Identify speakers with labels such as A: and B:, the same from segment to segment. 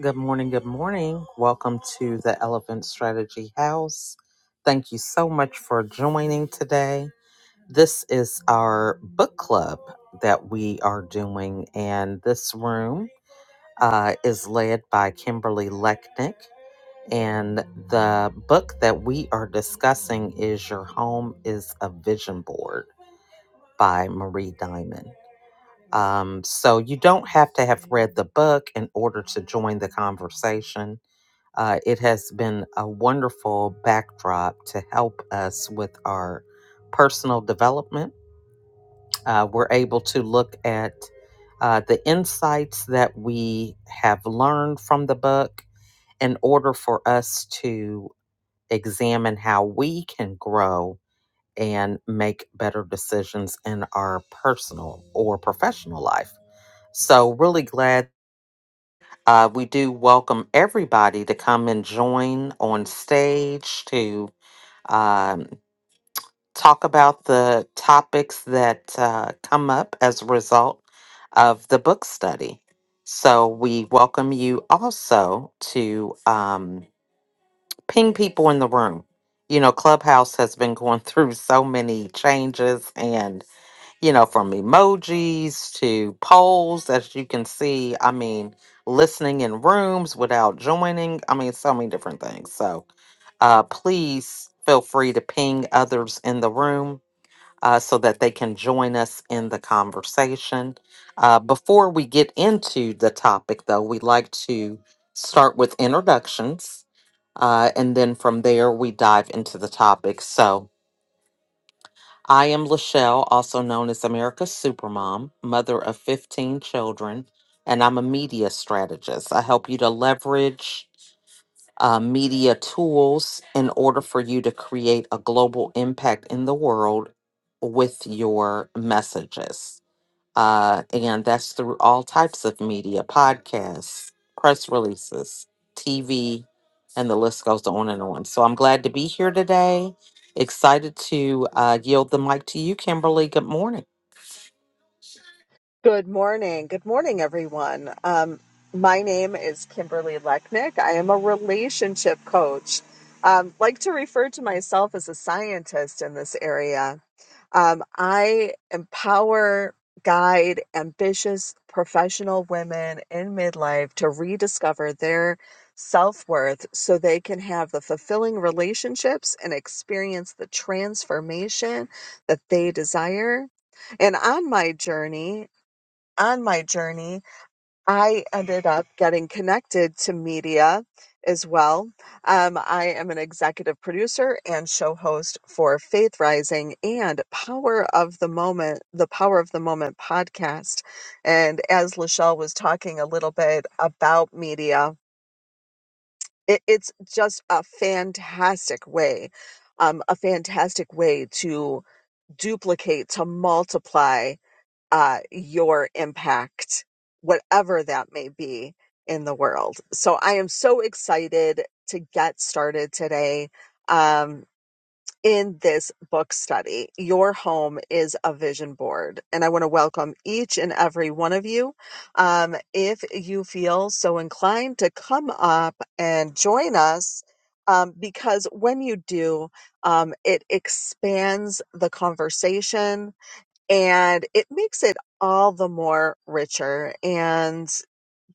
A: Good morning. Good morning. Welcome to the Elephant Strategy House. Thank you so much for joining today. This is our book club that we are doing, and this room uh, is led by Kimberly Lechnick. And the book that we are discussing is Your Home is a Vision Board by Marie Diamond. Um, so you don't have to have read the book in order to join the conversation uh, it has been a wonderful backdrop to help us with our personal development. Uh, we're able to look at uh, the insights that we have learned from the book in order for us to examine how we can grow and make better decisions in our personal or professional life. So, really glad uh, we do welcome everybody to come and join on stage to um, talk about the topics that uh, come up as a result of the book study. So we welcome you also to um, ping people in the room. You know, Clubhouse has been going through so many changes, and you know, from emojis to polls, as you can see. I mean, listening in rooms without joining. I mean, so many different things. So uh, please feel free to ping others in the room uh, so that they can join us in the conversation. Uh, before we get into the topic, though, we'd like to start with introductions. Uh, and then from there, we dive into the topic. So, I am Lachelle, also known as America's Supermom, mother of 15 children, and I'm a media strategist. I help you to leverage uh, media tools in order for you to create a global impact in the world with your messages uh, and that's through all types of media podcasts, press releases, TV, and the list goes on and on. So I'm glad to be here today. Excited to uh, yield the mic to you, Kimberly. Good morning.
B: Good morning. Good morning, everyone. Um, my name is Kimberly Lechnick. I am a relationship coach. Um, like to refer to myself as a scientist in this area. Um, I empower, guide ambitious professional women in midlife to rediscover their self worth so they can have the fulfilling relationships and experience the transformation that they desire. And on my journey, on my journey, I ended up getting connected to media as well. Um, I am an executive producer and show host for Faith Rising and Power of the Moment, the Power of the Moment podcast. And as Lachelle was talking a little bit about media, it, it's just a fantastic way, um, a fantastic way to duplicate, to multiply uh, your impact, whatever that may be in the world. So I am so excited to get started today um, in this book study. Your home is a vision board. And I want to welcome each and every one of you. Um, if you feel so inclined to come up and join us, um, because when you do, um, it expands the conversation and it makes it all the more richer and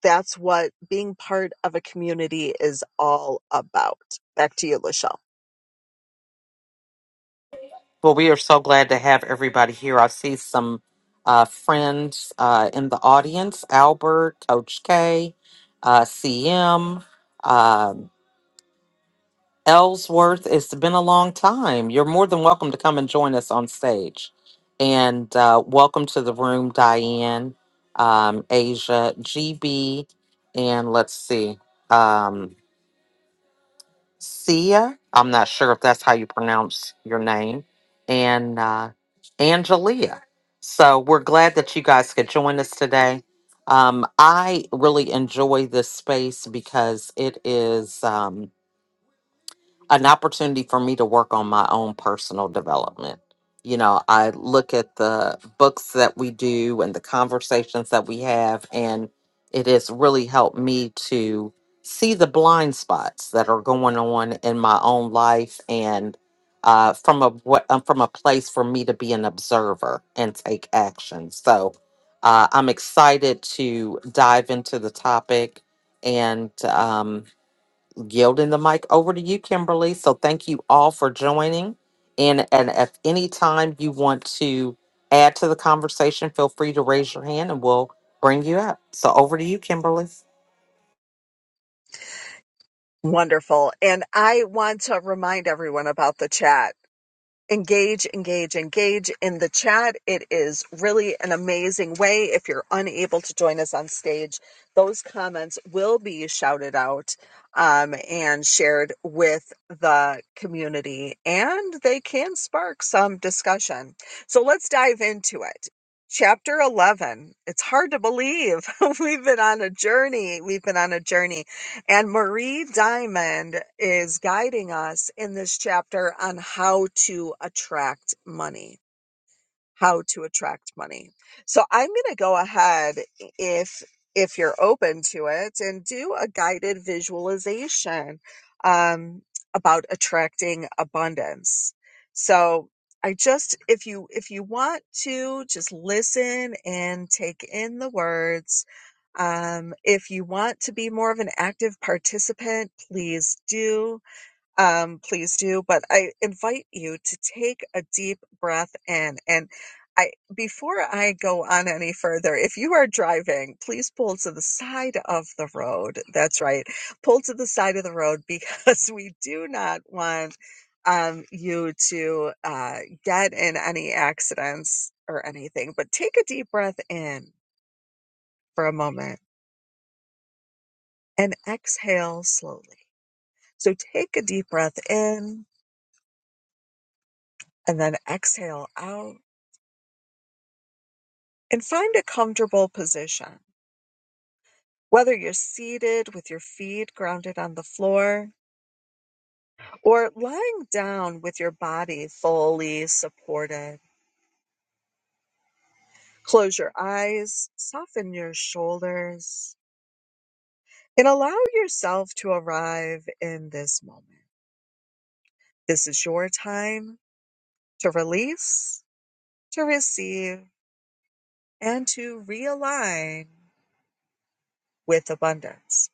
B: that's what being part of a community is all about back to you lachelle
A: Well, we are so glad to have everybody here. I see some uh, friends uh, in the audience Albert, Coach K, uh, CM. Ellsworth, it's been a long time. You're more than welcome to come and join us on stage. And uh, welcome to the room, Diane, um, Asia, GB, and let's see, um, Sia. I'm not sure if that's how you pronounce your name, and uh, Angelia. So we're glad that you guys could join us today. Um, I really enjoy this space because it is. Um, an opportunity for me to work on my own personal development. You know, I look at the books that we do and the conversations that we have, and it has really helped me to see the blind spots that are going on in my own life and uh, from a what um, from a place for me to be an observer and take action. So uh, I'm excited to dive into the topic and um, yielding the mic over to you, Kimberly. So thank you all for joining. And and if any time you want to add to the conversation, feel free to raise your hand and we'll bring you up. So over to you, Kimberly.
B: wonderful and i want to remind everyone about the chat engage, engage, engage in the chat. It is really an amazing way. If you're unable to join us on stage, those comments will be shouted out um, and shared with the community, and they can spark some discussion. So let's dive into it. Chapter 11. It's hard to believe we've been on a journey. We've been on a journey and Marie Diamond is guiding us in this chapter on how to attract money how to attract money. So I'm going to go ahead if if you're open to it and do a guided visualization um, about attracting abundance. So I just if you if you want to just listen and take in the words. Um, if you want to be more of an active participant, please do um, please do. But I invite you to take a deep breath in. And I, before I go on any further, if you are driving, please pull to the side of the road. That's right. Pull to the side of the road because we do not want um, you to uh, get in any accidents or anything. But take a deep breath in for a moment and exhale slowly. So take a deep breath in and then exhale out and find a comfortable position. Whether you're seated with your feet grounded on the floor or lying down with your body fully supported, close your eyes, soften your shoulders, and allow yourself to arrive in this moment. This is your time to release, to receive, and to realign with abundance.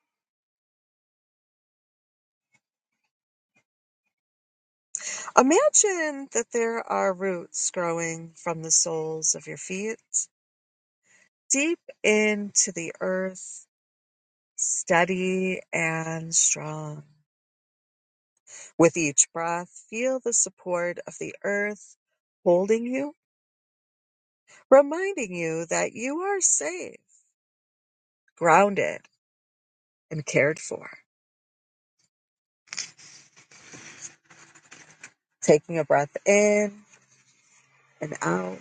B: Imagine that there are roots growing from the soles of your feet deep into the earth, steady and strong. With each breath, feel the support of the earth holding you, reminding you that you are safe, grounded, and cared for. Taking a breath in and out.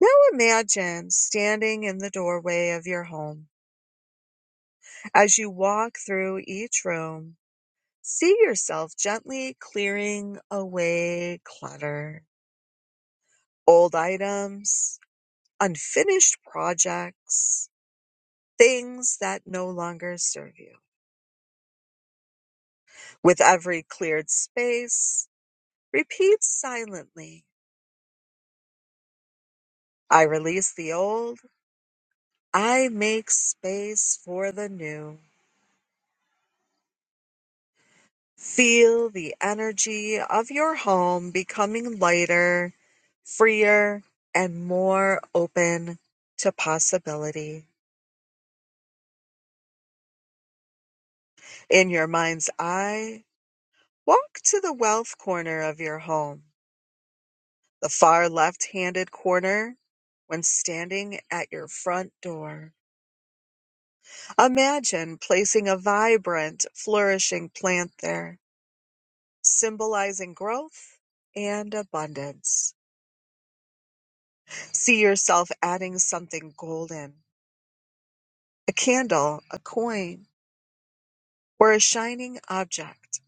B: Now imagine standing in the doorway of your home. As you walk through each room, see yourself gently clearing away clutter, old items, unfinished projects, things that no longer serve you. With every cleared space, repeat silently I release the old, I make space for the new. Feel the energy of your home becoming lighter, freer, and more open to possibility. In your mind's eye, walk to the wealth corner of your home the far left-handed corner when standing at your front door. Imagine placing a vibrant, flourishing plant there, symbolizing growth and abundance. See yourself adding something golden, a candle, a coin, or a shining object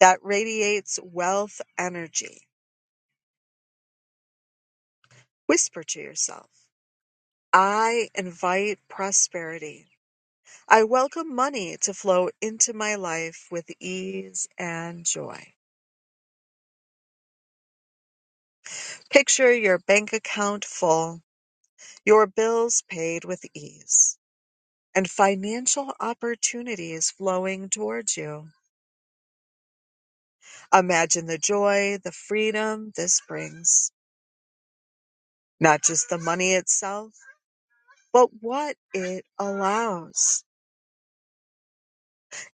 B: that radiates wealth energy. Whisper to yourself, I invite prosperity I welcome money to flow into my life with ease and joy. Picture your bank account full, your bills paid with ease, and financial opportunities flowing towards you. Imagine the joy, the freedom this brings. Not just the money itself, but what it allows.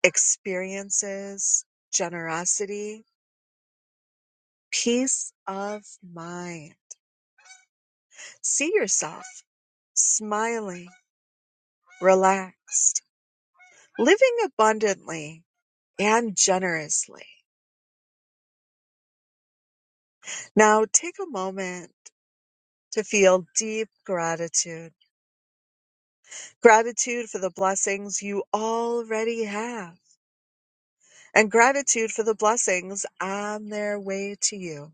B: Experiences, generosity, peace of mind. See yourself smiling relaxed, living abundantly and generously. Now take a moment to feel deep gratitude. Gratitude for the blessings you already have and gratitude for the blessings on their way to you.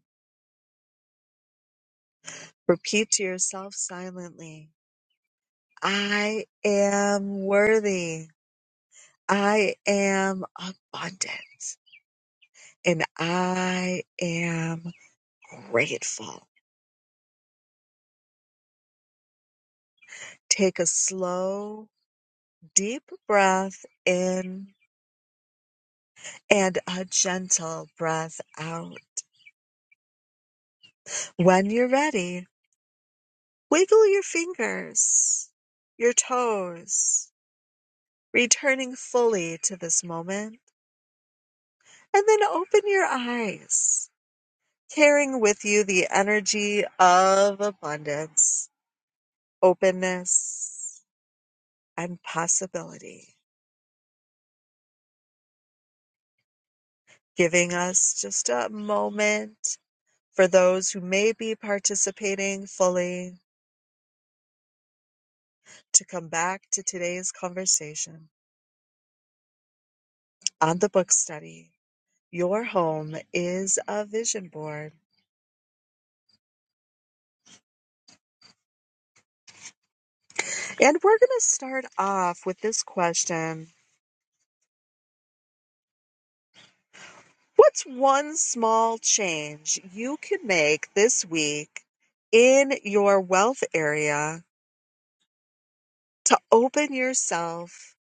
B: Repeat to yourself silently, I am worthy. I am abundant and I am grateful. Take a slow deep breath in and a gentle breath out. When you're ready, wiggle your fingers, your toes, returning fully to this moment, and then open your eyes, carrying with you the energy of abundance, openness, and possibility, giving us just a moment for those who may be participating fully to come back to today's conversation on the book study. Your home is a vision board. And we're going to start off with this question What's one small change you can make this week in your wealth area to open yourself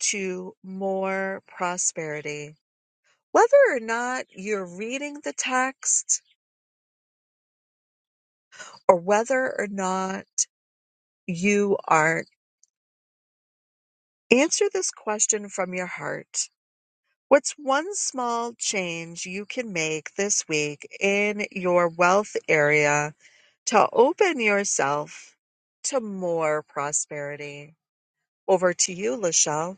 B: to more prosperity? Whether or not you're reading the text or whether or not you are Answer this question from your heart. What's one small change you can make this week in your wealth area to open yourself to more prosperity? Over to you, Lachelle.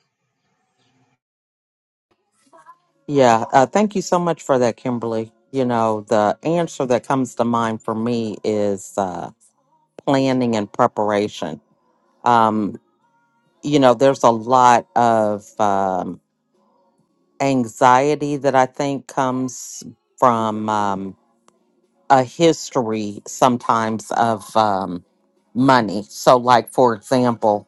A: Yeah, uh, thank you so much for that, Kimberly. You know, the answer that comes to mind for me is uh, planning and preparation. Um, you know, there's a lot of um, anxiety that I think comes from. Um, a history sometimes of um, money. So, like for example,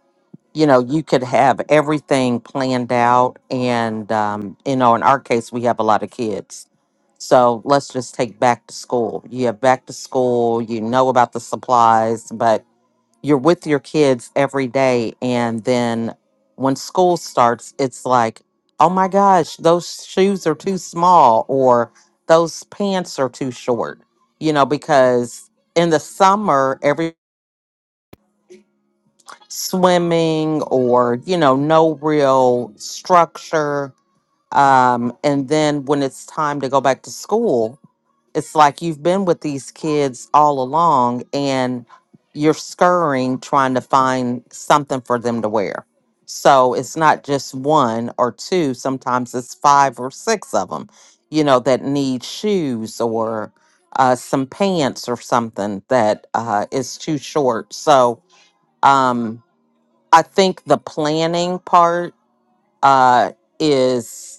A: you know, you could have everything planned out, and um, you know, in our case, we have a lot of kids. So let's just take back to school. You have back to school. You know about the supplies, but you're with your kids every day and then when school starts it's like oh my gosh those shoes are too small or those pants are too short you know because in the summer every swimming or you know no real structure um and then when it's time to go back to school it's like you've been with these kids all along and you're scurrying trying to find something for them to wear. So it's not just one or two, sometimes it's five or six of them, you know, that need shoes or uh, some pants or something that uh, is too short. So um, I think the planning part uh, is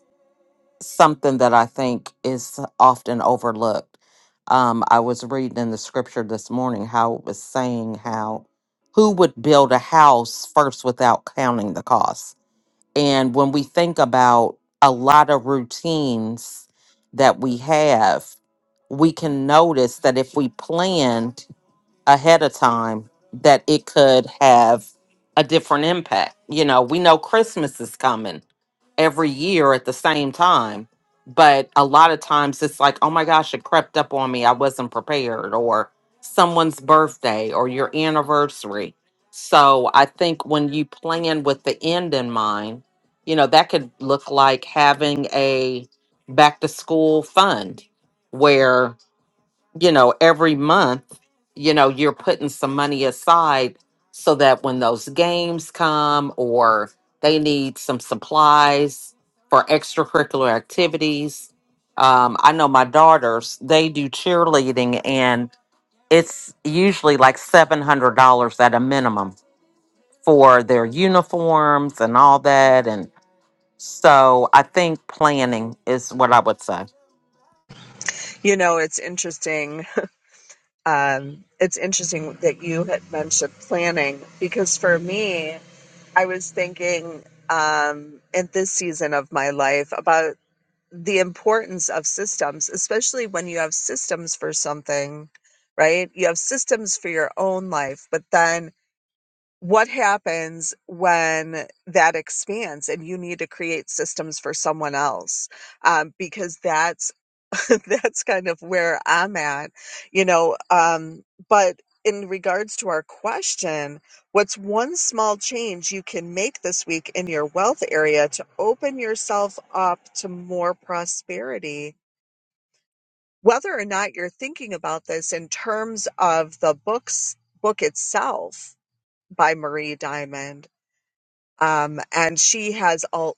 A: something that I think is often overlooked. Um, I was reading in the scripture this morning how it was saying how who would build a house first without counting the cost. And when we think about a lot of routines that we have, we can notice that if we planned ahead of time that it could have a different impact. You know, we know Christmas is coming every year at the same time, but a lot of times it's like, oh my gosh, it crept up on me. I wasn't prepared, or someone's birthday or your anniversary. So I think when you plan with the end in mind, you know, that could look like having a back to school fund where you know, every month, you know, you're putting some money aside so that when those games come or they need some supplies for extracurricular activities. Um, I know my daughters, they do cheerleading and it's usually like $700 at a minimum for their uniforms and all that. And so I think planning is what I would say.
B: You know, it's interesting. Um, it's interesting that you had mentioned planning because for me, I was thinking um, in this season of my life about. the importance of systems, especially when you have systems for something, right? You have systems for your own life, but then what happens when that expands and you need to create systems for someone else um, because that's that's kind of where i'm at you know um, but in regards to our question what's one small change you can make this week in your wealth area to open yourself up to more prosperity whether or not you're thinking about this in terms of the books book itself by marie diamond um, and she has all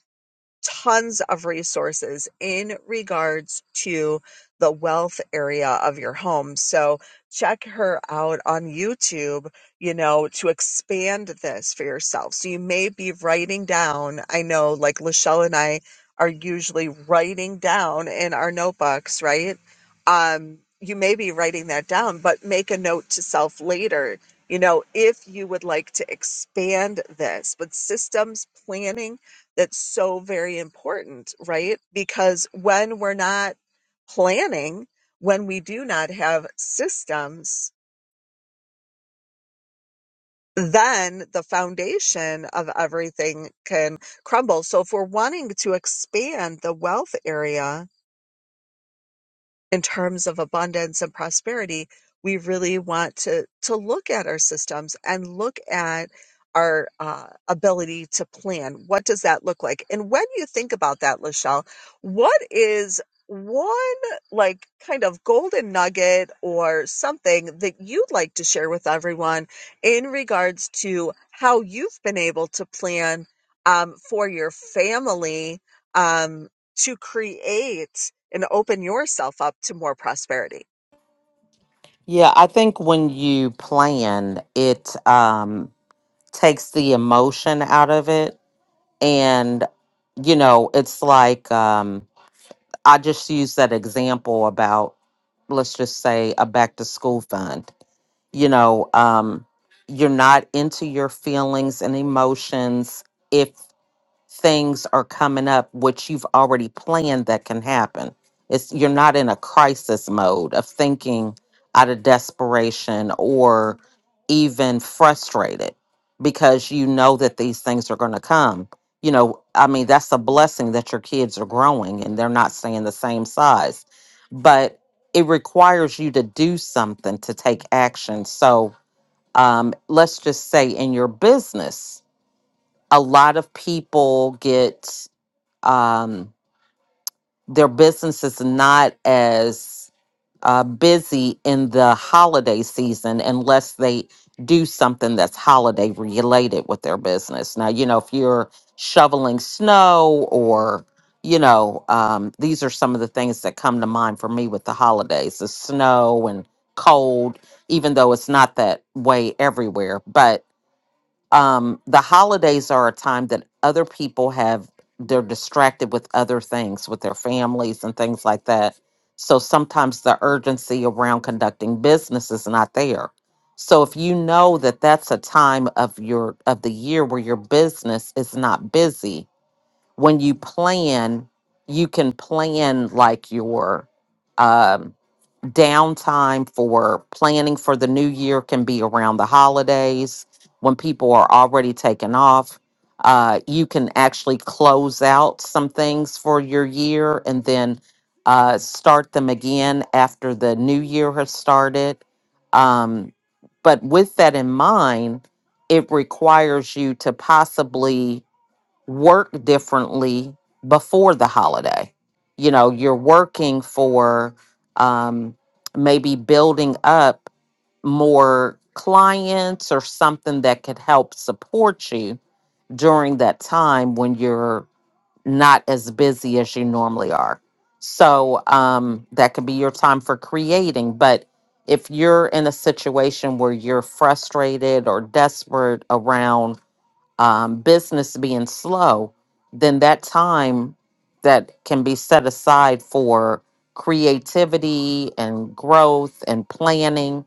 B: tons of resources in regards to the wealth area of your home. So check her out on YouTube, you know, to expand this for yourself. So you may be writing down, I know like Lachelle and I are usually writing down in our notebooks, right? Um, you may be writing that down, but make a note to self later. You know, if you would like to expand this, but systems planning that's so very important, right? Because when we're not planning, when we do not have systems, then the foundation of everything can crumble. So if we're wanting to expand the wealth area, in terms of abundance and prosperity, we really want to to look at our systems and look at our uh, ability to plan. What does that look like? And when you think about that, Lachelle, what is one like kind of golden nugget or something that you'd like to share with everyone in regards to how you've been able to plan um, for your family um, to create and open yourself up to more prosperity.
A: Yeah, I think when you plan, it, um, takes the emotion out of it and you know it's like um i just use that example about let's just say a back to school fund you know um you're not into your feelings and emotions if things are coming up which you've already planned that can happen it's you're not in a crisis mode of thinking out of desperation or even frustrated because you know that these things are going to come you know i mean that's a blessing that your kids are growing and they're not staying the same size but it requires you to do something to take action so um, let's just say in your business a lot of people get um, their business is not as uh, busy in the holiday season unless they do something that's holiday related with their business. Now, you know, if you're shoveling snow or, you know, um, these are some of the things that come to mind for me with the holidays the snow and cold, even though it's not that way everywhere. But um, the holidays are a time that other people have they're distracted with other things with their families and things like that so sometimes the urgency around conducting business is not there so if you know that that's a time of your of the year where your business is not busy when you plan you can plan like your um downtime for planning for the new year can be around the holidays when people are already taken off. Uh, you can actually close out some things for your year and then uh, start them again after the new year has started. Um, but with that in mind, it requires you to possibly work differently before the holiday. You know, you're working for um, maybe building up more clients or something that could help support you during that time when you're not as busy as you normally are. So um, that could be your time for creating. But if you're in a situation where you're frustrated or desperate around, um, business being slow, then that time that can be set aside for creativity and growth and planning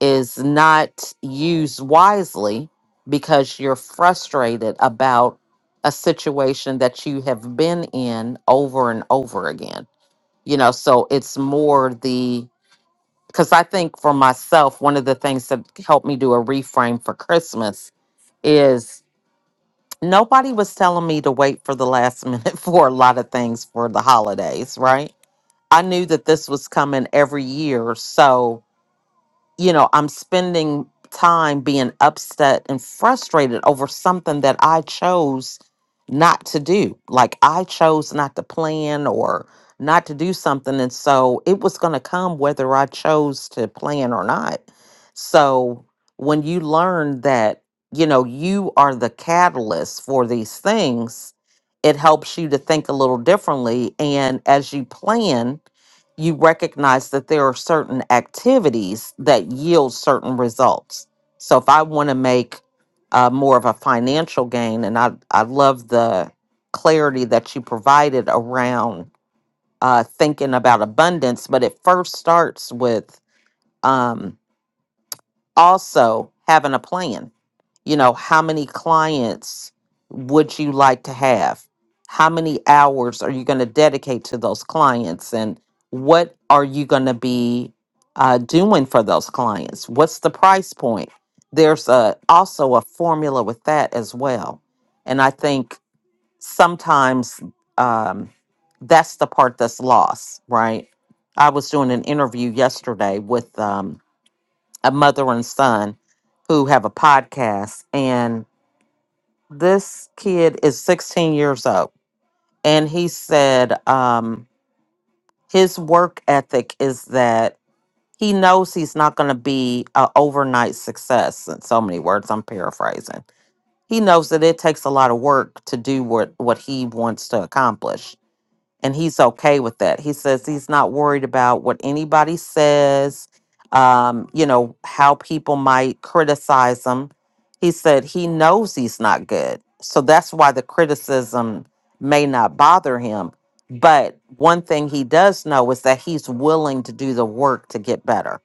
A: is not used wisely because you're frustrated about a situation that you have been in over and over again. You know, so it's more the because I think for myself, one of the things that helped me do a reframe for Christmas is nobody was telling me to wait for the last minute for a lot of things for the holidays, right? I knew that this was coming every year, so you know, I'm spending time being upset and frustrated over something that I chose not to do. Like I chose not to plan or not to do something. And so it was going to come whether I chose to plan or not. So when you learn that, you know, you are the catalyst for these things, it helps you to think a little differently. And as you plan, you recognize that there are certain activities that yield certain results. So if I want to make uh, more of a financial gain, and I, I love the clarity that you provided around uh, thinking about abundance, but it first starts with um, also having a plan you know, how many clients would you like to have? How many hours are you going to dedicate to those clients? And what are you going to be uh, doing for those clients? What's the price point? There's a, also a formula with that as well. And I think sometimes um, that's the part that's lost, right? I was doing an interview yesterday with um, a mother and son who have a podcast, and this kid is 16 years old and he said um his work ethic is that he knows he's not going to be an overnight success in so many words i'm paraphrasing he knows that it takes a lot of work to do what what he wants to accomplish and he's okay with that. He says he's not worried about what anybody says, um, you know, how people might criticize him. He said he knows he's not good. So that's why the criticism may not bother him. But one thing he does know is that he's willing to do the work to get better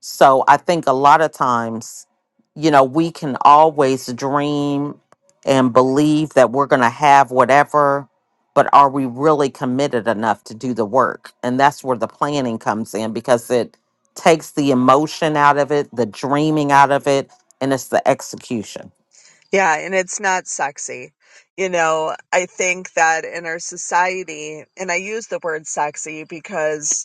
A: so I think a lot of times, you know, we can always dream and believe that we're going to have whatever, but are we really committed enough to do the work? And that's where the planning comes in because it takes the emotion out of it, the dreaming out of it, and it's the execution.
B: Yeah, and it's not sexy. You know, I think that in our society, and I use the word sexy because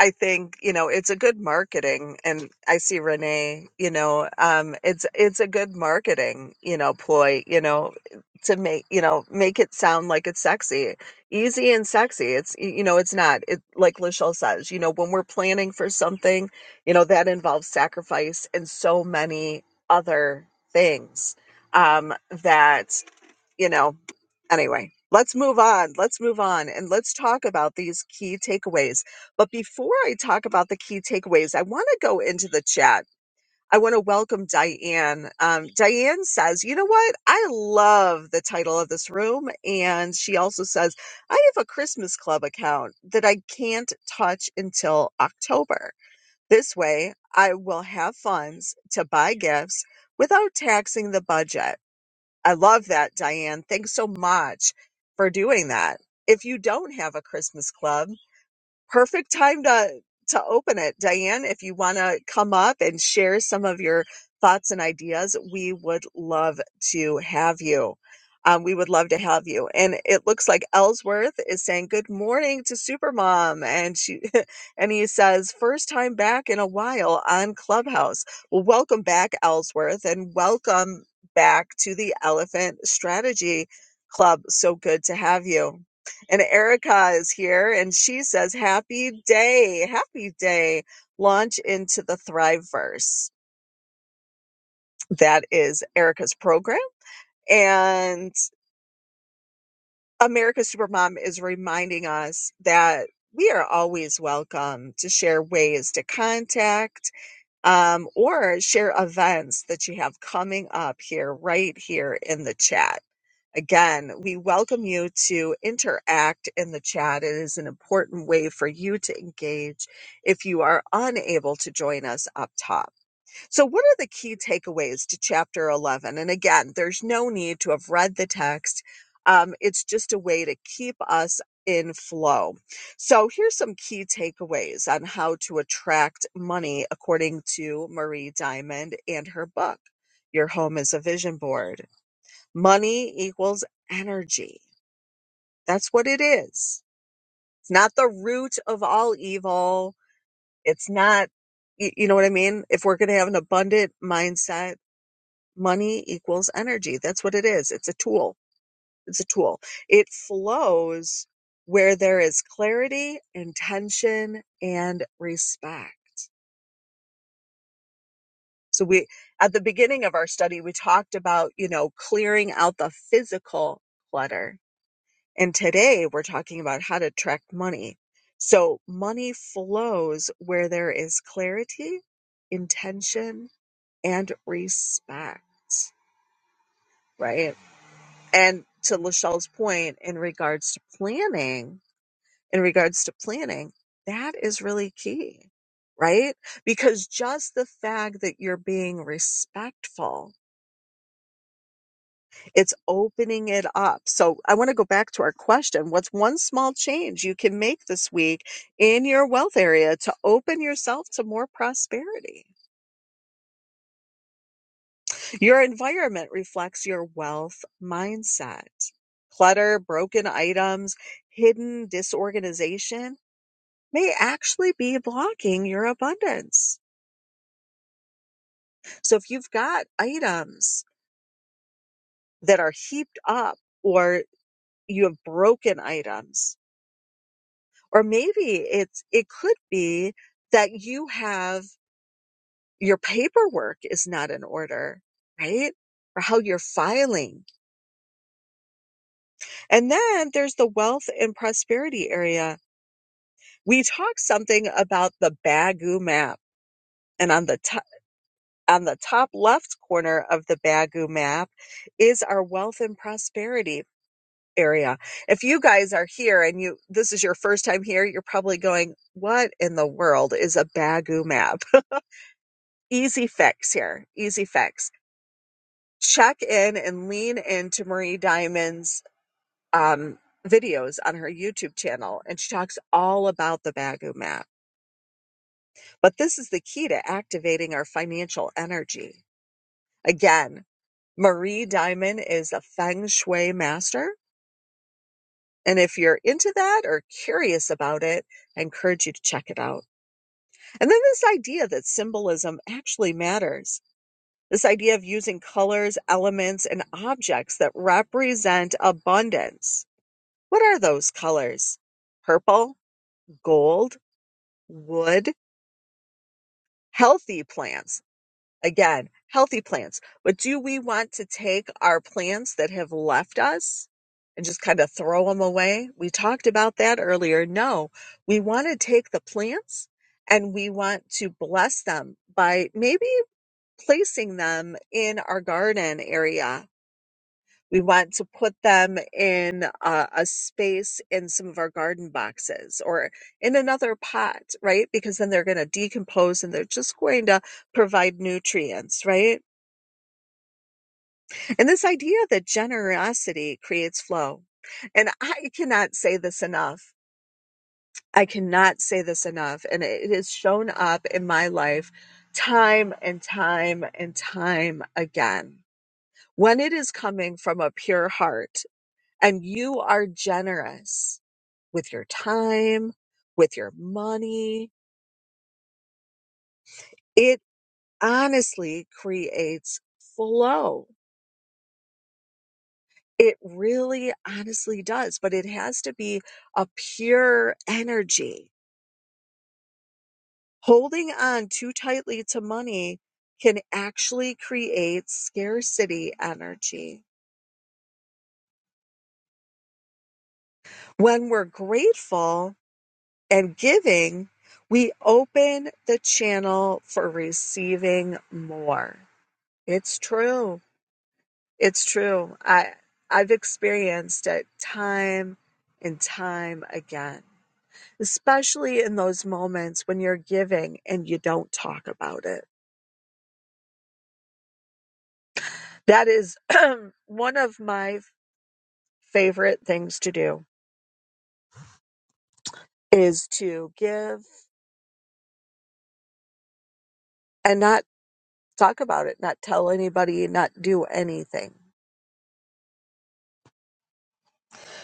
B: I think you know it's a good marketing, and I see Renee. You know, um, it's it's a good marketing, you know, ploy. You know, to make you know make it sound like it's sexy, easy and sexy. It's y- you know it's not. It like Lachelle says, you know, when we're planning for something, you know that involves sacrifice and so many other things um, that you know, anyway, let's move on. Let's move on and let's talk about these key takeaways. But before I talk about the key takeaways, I want to go into the chat. I want to welcome Diane. Um, Diane says, You know what? I love the title of this room. And she also says, I have a Christmas Club account that I can't touch until October. This way, I will have funds to buy gifts without taxing the budget. I love that, Diane. Thanks so much for doing that. If you don't have a Christmas club, perfect time to to open it diane if you want to come up and share some of your thoughts and ideas we would love to have you um, we would love to have you and it looks like ellsworth is saying good morning to supermom and she and he says first time back in a while on clubhouse well welcome back ellsworth and welcome back to the elephant strategy club so good to have you and Erica is here and she says, Happy day, happy day. Launch into the Thriveverse. That is Erica's program. And America's Supermom is reminding us that we are always welcome to share ways to contact um, or share events that you have coming up here, right here in the chat. Again, we welcome you to interact in the chat. It is an important way for you to engage if you are unable to join us up top. So, what are the key takeaways to chapter 11? And again, there's no need to have read the text, um, it's just a way to keep us in flow. So, here's some key takeaways on how to attract money according to Marie Diamond and her book. Your home is a vision board. Money equals energy. That's what it is. It's not the root of all evil. It's not, y- you know what I mean? If we're going to have an abundant mindset, money equals energy. That's what it is. It's a tool. It's a tool. It flows where there is clarity, intention, and respect. So we, at the beginning of our study, we talked about, you know, clearing out the physical clutter And today we're talking about how to track money. So money flows where there is clarity, intention, and respect, right? And to Lachelle's point in regards to planning, in regards to planning, that is really key, right? Because just the fact that you're being respectful It's opening it up. So I want to go back to our question. What's one small change you can make this week in your wealth area to open yourself to more prosperity? Your environment reflects your wealth mindset. Clutter, broken items, hidden disorganization may actually be blocking your abundance. So if you've got items that are heaped up or you have broken items, or maybe it's it could be that you have your paperwork is not in order right or how you're filing and then there's the wealth and prosperity area we talked something about the bagu map and on the top on the top left corner of the bagu map is our wealth and prosperity area if you guys are here and you this is your first time here you're probably going what in the world is a bagu map easy fix here. Easy fix. Check in and lean into Marie Diamond's um, videos on her YouTube channel, and she talks all about the Bagu map. But this is the key to activating our financial energy. Again, Marie Diamond is a feng shui master. And if you're into that or curious about it, I encourage you to check it out. And then this idea that symbolism actually matters This idea of using colors, elements, and objects that represent abundance. What are those colors? Purple, gold, wood, healthy plants. Again, healthy plants. But do we want to take our plants that have left us and just kind of throw them away? We talked about that earlier. No, we want to take the plants and we want to bless them by maybe placing them in our garden area We want to put them in a, a space in some of our garden boxes or in another pot, right? Because then they're going to decompose and they're just going to provide nutrients, right? And this idea that generosity creates flow. And I cannot say this enough. I cannot say this enough. And it has shown up in my life time and time and time again. When it is coming from a pure heart, and you are generous with your time, with your money, it honestly creates flow. It really honestly does, but it has to be a pure energy. Holding on too tightly to money can actually create scarcity energy. When we're grateful and giving, we open the channel for receiving more. It's true. It's true. I I've experienced it time and time again, especially in those moments when you're giving and you don't talk about it. That is one of my favorite things to do is to give and not talk about it, not tell anybody, not do anything.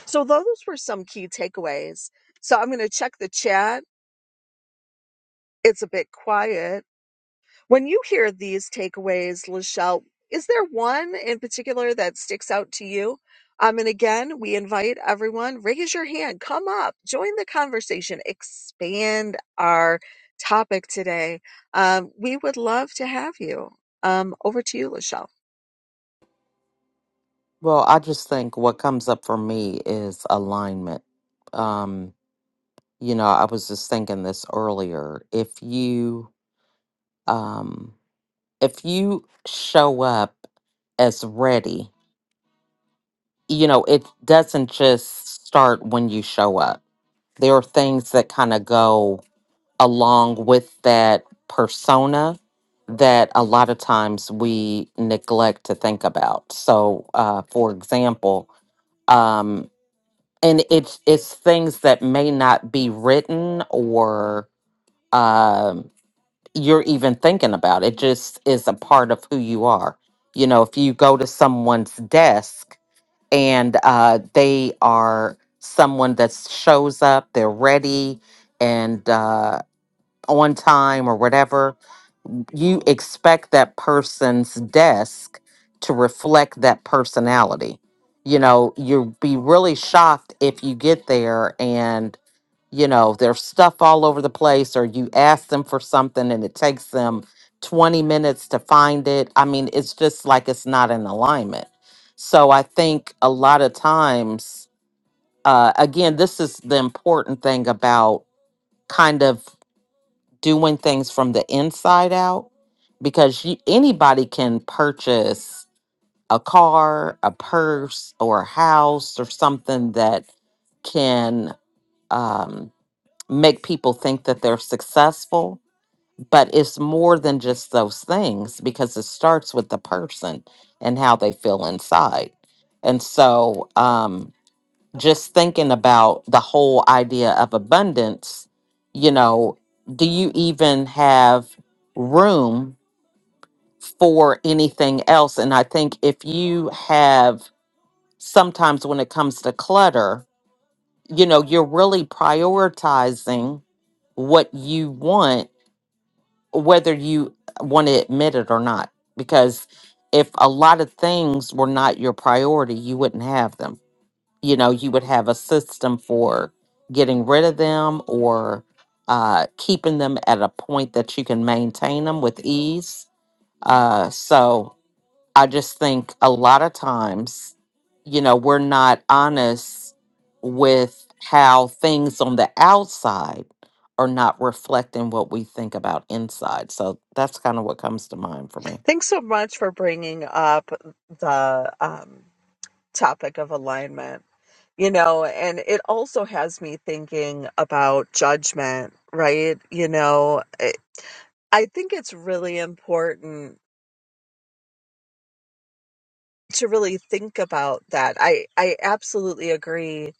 B: So those were some key takeaways. So I'm going to check the chat. It's a bit quiet When you hear these takeaways, Lachelle, is there one in particular that sticks out to you? Um, and again, we invite everyone, raise your hand, come up, join the conversation, expand our topic today. Um, we would love to have you. Um, over to you, Lachelle.
A: Well, I just think what comes up for me is alignment. Um, you know, I was just thinking this earlier. If you um, if you show up as ready, you know, it doesn't just start when you show up. There are things that kind of go along with that persona that a lot of times we neglect to think about. So, uh, for example, um, and it's it's things that may not be written or um, you're even thinking about. It just is a part of who you are. You know, if you go to someone's desk and uh, they are someone that shows up, they're ready and uh, on time or whatever, you expect that person's desk to reflect that personality. You know, you'll be really shocked if you get there and you know, there's stuff all over the place, or you ask them for something and it takes them 20 minutes to find it. I mean, it's just like it's not in alignment. So I think a lot of times, uh, again, this is the important thing about kind of doing things from the inside out because you, anybody can purchase a car, a purse, or a house or something that can. Um, make people think that they're successful, but it's more than just those things because it starts with the person and how they feel inside. And so, um, just thinking about the whole idea of abundance, you know, do you even have room for anything else? And I think if you have sometimes when it comes to clutter, you know, you're really prioritizing what you want whether you want to admit it or not. Because if a lot of things were not your priority, you wouldn't have them. You know, you would have a system for getting rid of them or uh, keeping them at a point that you can maintain them with ease. Uh, so, I just think a lot of times, you know, we're not honest with how things on the outside are not reflecting what we think about inside. So that's kind of what comes to mind for me.
B: Thanks so much for bringing up the um, topic of alignment. You know, and it also has me thinking about judgment, right? You know, I I think it's really important to really think about that. I I absolutely agree.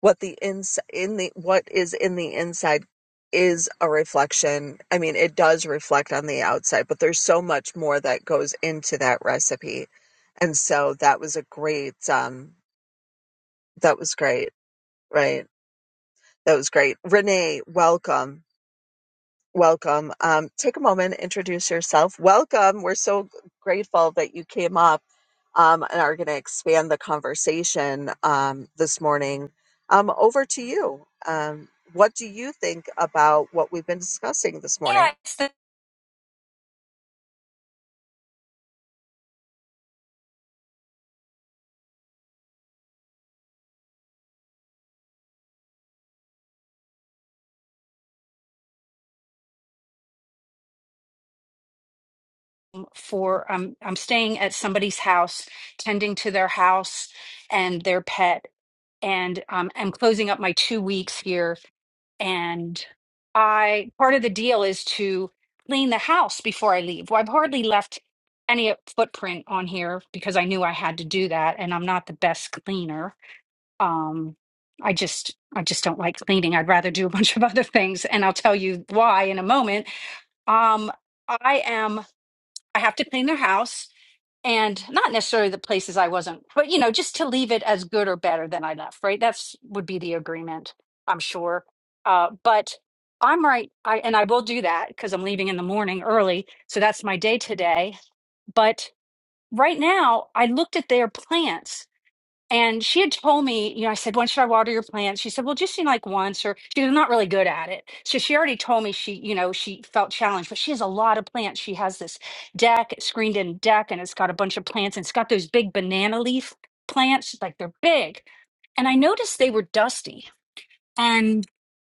B: What the ins in the what is in the inside is a reflection. I mean, it does reflect on the outside, but there's so much more that goes into that recipe, and so that was a great um that was great, right? That was great, Renee. Welcome. Welcome. Um, take a moment, introduce yourself. Welcome. We're so grateful that you came up um, and are going to expand the conversation um, this morning. Um, over to you. Um, what do you think about what we've been discussing this
C: Yeah,
B: morning?
C: it's the, for um, I'm staying at somebody's house, tending to their house and their pet, and um, I'm closing up my two weeks here. And I part of the deal is to clean the house before I leave. Well, I've hardly left any footprint on here because I knew I had to do that, and I'm not the best cleaner. Um, I just I just don't like cleaning. I'd rather do a bunch of other things, and I'll tell you why in a moment. Um, I am. I have to clean their house and not necessarily the places I wasn't, but you know, just to leave it as good or better than I left, right? That's would be the agreement, I'm sure. Uh, but I'm right. I and I will do that because I'm leaving in the morning early. So that's my day today. But right now I looked at their plants and she had told me, you know, I said, when should I water your plants? She said, well, just you like once or she was not really good at it. So she already told me she, you know, she felt challenged, but she has a lot of plants. She has this deck, screened in deck, and it's got a bunch of plants and it's got those big banana leaf plants, like they're big. And I noticed they were dusty. And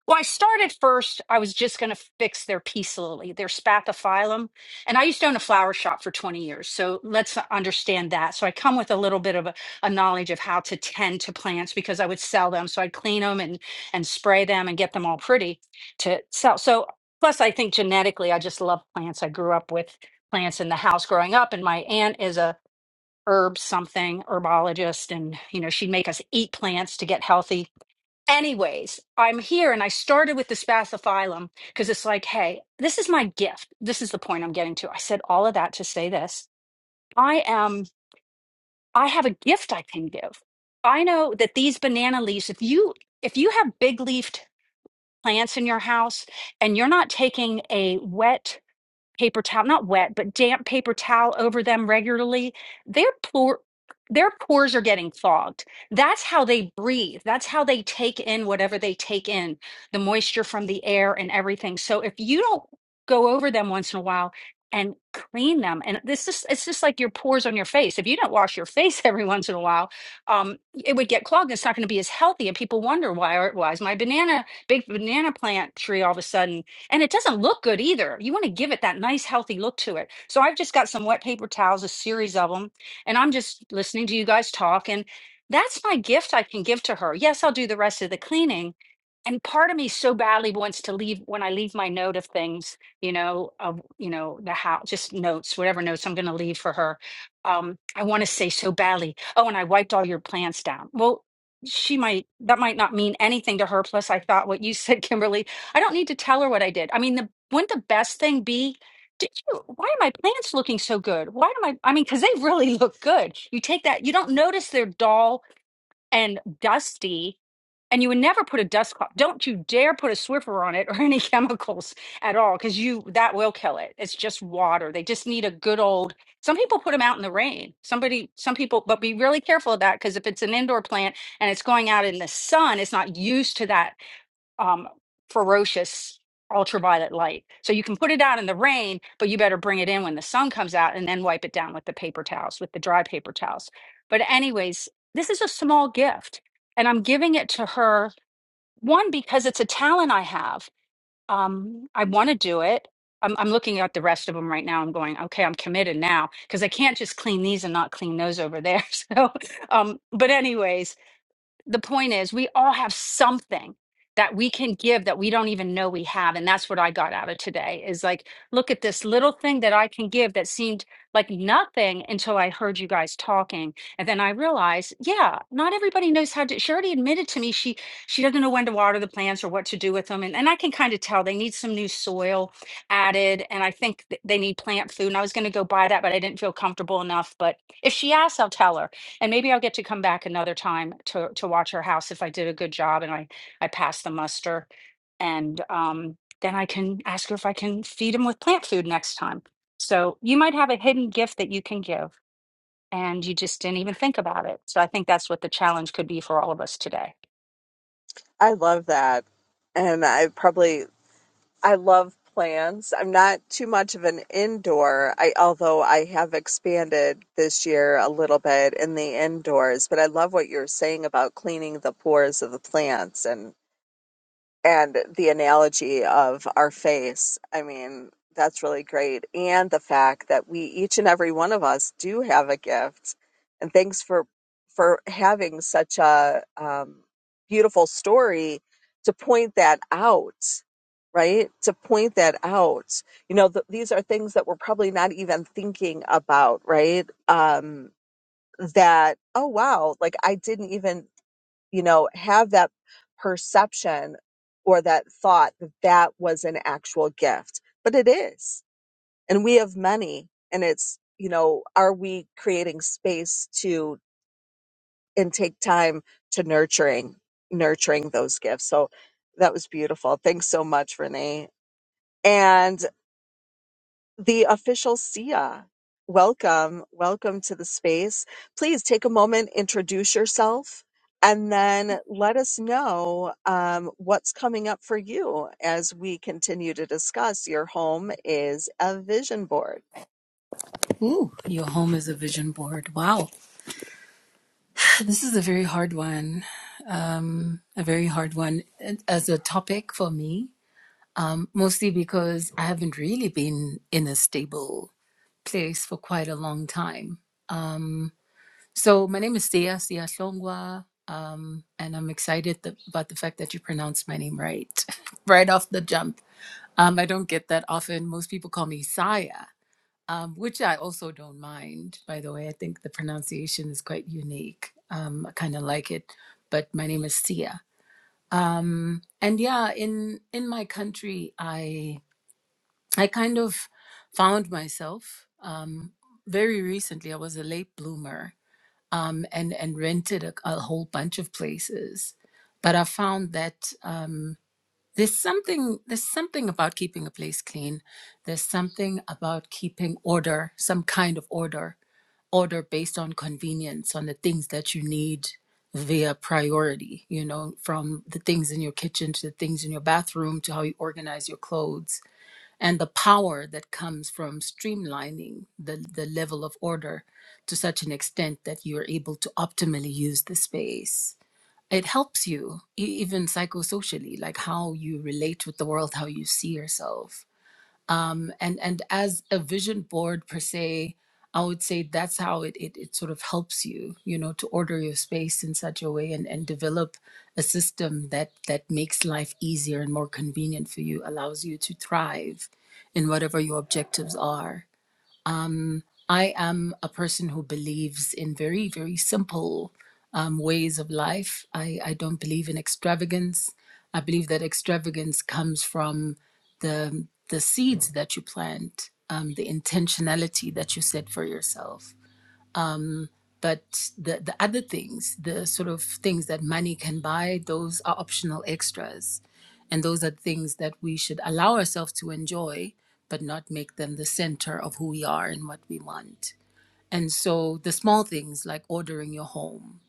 C: well, I started first, I was just going to fix their peace lily, their spathiphyllum. And I used to own a flower shop for 20 years. So let's understand that. So I come with a little bit of a, a knowledge of how to tend to plants because I would sell them. So I'd clean them and, and spray them and get them all pretty to sell. So plus, I think genetically, I just love plants. I grew up with plants in the house growing up. And my aunt is a herb something herbologist. And, you know, she'd make us eat plants to get healthy Anyways, I'm here and I started with the spathiphyllum because it's like, hey, this is my gift. This is the point I'm getting to. I said all of that to say this. I am I have a gift I can give. I know that these banana leaves, if you if you have big leafed plants in your house and you're not taking a wet paper towel, not wet, but damp paper towel over them regularly, their poor their pores are getting fogged. That's how they breathe. That's how they take in whatever they take in, the moisture from the air and everything. So if you don't go over them once in a while and clean them, and this is it's just like your pores on your face. If you don't wash your face every once in a while, um, it would get clogged. It's not going to be as healthy. And people wonder why why is my banana big banana plant tree all of a sudden and it doesn't look good either. You want to give it that nice, healthy look to it. So I've just got some wet paper towels, a series of them, and I'm just listening to you guys talk. And that's my gift I can give to her. Yes, I'll do the rest of the cleaning. And part of me so badly wants to leave when I leave my note of things, you know, of, you know, the house, just notes, whatever notes I'm going to leave for her. Um, I want to say so badly, oh, and I wiped all your plants down. Well, she might, that might not mean anything to her. Plus, I thought what you said, Kimberly, I don't need to tell her what I did. I mean, the wouldn't the best thing be? Did you? Why are my plants looking so good? Why do my? I mean, because they really look good. You take that. You don't notice they're dull and dusty, and you would never put a dust cloth. Don't you dare put a Swiffer on it or any chemicals at all, because you that will kill it. It's just water. They just need a good old. Some people put them out in the rain. Somebody, some people, but be really careful of that because if it's an indoor plant and it's going out in the sun, it's not used to that um, ferocious ultraviolet light. So you can put it out in the rain, but you better bring it in when the sun comes out and then wipe it down with the paper towels, with the dry paper towels. But, anyways, this is a small gift. And I'm giving it to her, one, because it's a talent I have. Um, I want to do it. I'm, I'm looking at the rest of them right now. I'm going, okay, I'm committed now because I can't just clean these and not clean those over there. So, um, but, anyways, the point is we all have something that we can give that we don't even know we have and that's what i got out of today is like look at this little thing that i can give that seemed like nothing until i heard you guys talking and then i realized yeah not everybody knows how to she already admitted to me she she doesn't know when to water the plants or what to do with them and, and i can kind of tell they need some new soil added and i think th- they need plant food and i was going to go buy that but i didn't feel comfortable enough but if she asks i'll tell her and maybe I'll get to come back another time to to watch her house if I did a good job and I I passed the muster. And um, then I can ask her if I can feed him with plant food next time. So you might have a hidden gift that you can give, and you just didn't even think about it. So I think that's what the challenge could be for all of us today.
B: I love that. And I probably I love plants. I'm not too much of an indoor. I although I have expanded this year a little bit in the indoors, but I love what you're saying about cleaning the pores of the plants and and the analogy of our face. I mean, that's really great. And the fact that we each and every one of us do have a gift. And thanks for for having such a um, beautiful story to point that out, right? To point that out. You know, th- these are things that we're probably not even thinking about, right? Um, that oh wow, like I didn't even you know, have that perception or that thought that that was an actual gift. But it is. And we have many. And it's, you know, are we creating space to and take time to nurturing, nurturing those gifts? So that was beautiful. Thanks so much, Renee. And the official Sia. Welcome, welcome to the space. Please take a moment, introduce yourself, and then let us know um, what's coming up for you as we continue to discuss. Your home is a vision board.
D: Ooh, your home is a vision board. Wow. This is a very hard one. Um, a very hard one as a topic for me, mostly because I haven't really been in a stable place for quite a long time. Um, so my name is Sia, Sia Songwa. Um, and I'm excited th- about the fact that you pronounced my name right, right off the jump. Um, I don't get that often. Most people call me Saya. um, which I also don't mind, by the way. I think the pronunciation is quite unique. Um, I kind of like it, but my name is Sia. And yeah, in in my country, I I kind of found myself um, very recently. I was a late bloomer um, and and rented a, a whole bunch of places, but I found that um, there's something there's something about keeping a place clean. There's something about keeping order, some kind of order order based on convenience on the things that you need via priority you know from the things in your kitchen to the things in your bathroom to how you organize your clothes and the power that comes from streamlining the, the level of order to such an extent that you are able to optimally use the space it helps you e- even psychosocially like how you relate with the world how you see yourself um, and and as a vision board per se i would say that's how it, it it sort of helps you you know to order your space in such a way and and develop a system that that makes life easier and more convenient for you allows you to thrive in whatever your objectives are I am a person who believes in very, very simple um, ways of life. I, I don't believe in extravagance. I believe that extravagance comes from the, the seeds that you plant, um, the intentionality that you set for yourself. But the, the other things, the sort of things that money can buy, those are optional extras. And those are things that we should allow ourselves to enjoy, but not make them the center of who we are and what we want. And so the small things like ordering your home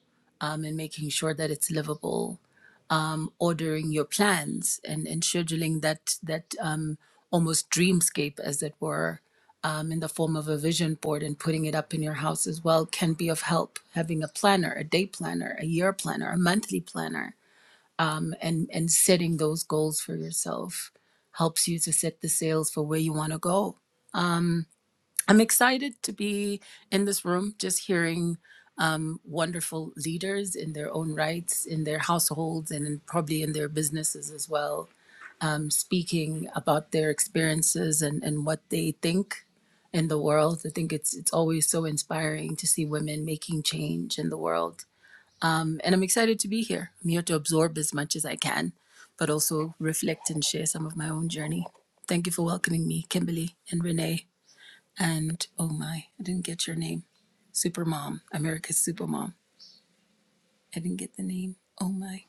D: um, and making sure that it's livable, um, ordering your plans and, and scheduling that that um, almost dreamscape, as it were, um, in the form of a vision board and putting it up in your house as well can be of help. Having a planner, a day planner, a year planner, a monthly planner, um, and and setting those goals for yourself helps you to set the sails for where you want to go I'm excited to be in this room, just hearing um, wonderful leaders in their own rights, in their households, and in, probably in their businesses as well, um, speaking about their experiences and, and what they think in the world. I think it's it's always so inspiring to see women making change in the world, um, and I'm excited to be here. I'm here to absorb as much as I can, but also reflect and share some of my own journey. Thank you for welcoming me, Kimberly and Renee and oh my, I didn't get your name. Supermom, America's Supermom. I didn't get the name. Oh my,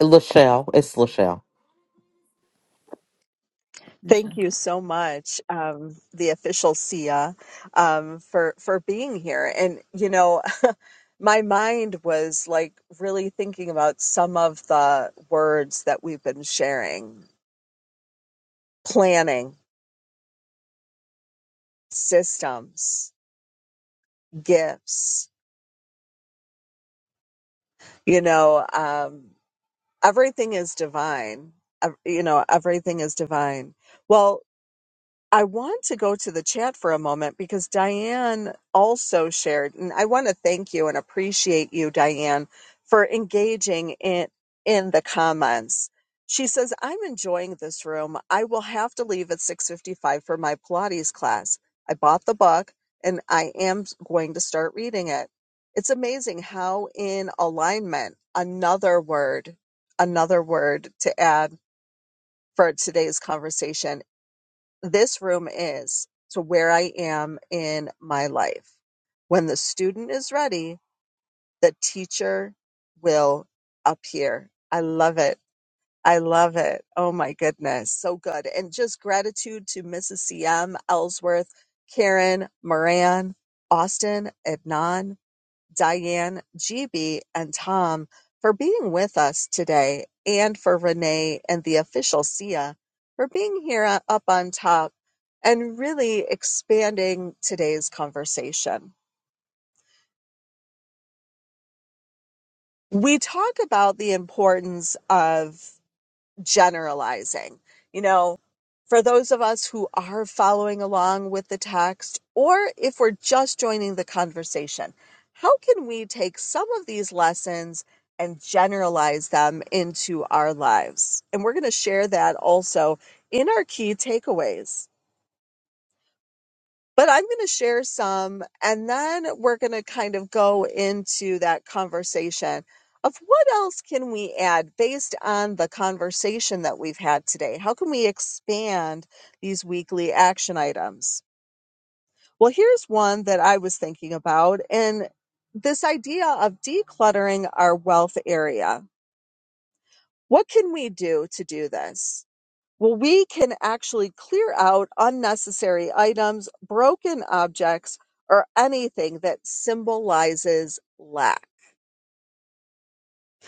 A: Lachelle, it's Lachelle.
B: Thank
D: Michelle.
B: you so much, um, the official Sia, um, for for being here. And you know, my mind was like really thinking about some of the words that we've been sharing planning, systems, gifts. You know, um, everything is divine. Ev- You know, everything is divine. Well, I want to go to the chat for a moment because Diane also shared, and I want to thank you and appreciate you, Diane, for engaging in in the comments. She says, "I'm enjoying this room. I will have to leave at 6:55 for my Pilates class. I bought the book and I am going to start reading it. It's amazing how in alignment, another word, another word to add for today's conversation this room is to where I am in my life. When the student is ready, the teacher will appear. I love it. I love it. Oh my goodness. So good. And just gratitude to Mrs. CM, Ellsworth, Karen, Moran, Austin, Adnan. Diane, GB, and Tom for being with us today, and for Renee and the official Sia for being here up on top and really expanding today's conversation. We talk about the importance of generalizing. You know, for those of us who are following along with the text, or if we're just joining the conversation, how can we take some of these lessons and generalize them into our lives? And we're going to share that also in our key takeaways. But I'm going to share some, and then we're going to kind of go into that conversation of what else can we add based on the conversation that we've had today? How can we expand these weekly action items? Well, here's one that I was thinking about, and this idea of decluttering our wealth area. What can we do to do this? Well, we can actually clear out unnecessary items, broken objects, or anything that symbolizes lack.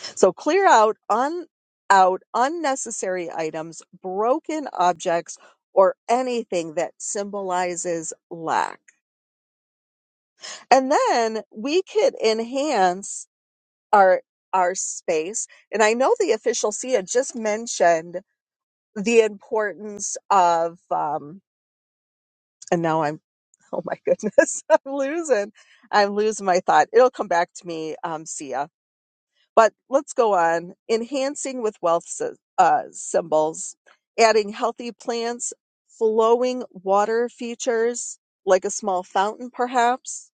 B: So clear out un out unnecessary items, broken objects, or anything that symbolizes lack. And then we could enhance our our space. And I know the official Cia just mentioned the importance of um, and now I'm Oh my goodness, I'm losing. I'm losing my thought. It'll come back to me, um, Sia. But let's go on. Enhancing with wealth sy- uh, symbols, adding healthy plants, flowing water features, like a small fountain perhaps,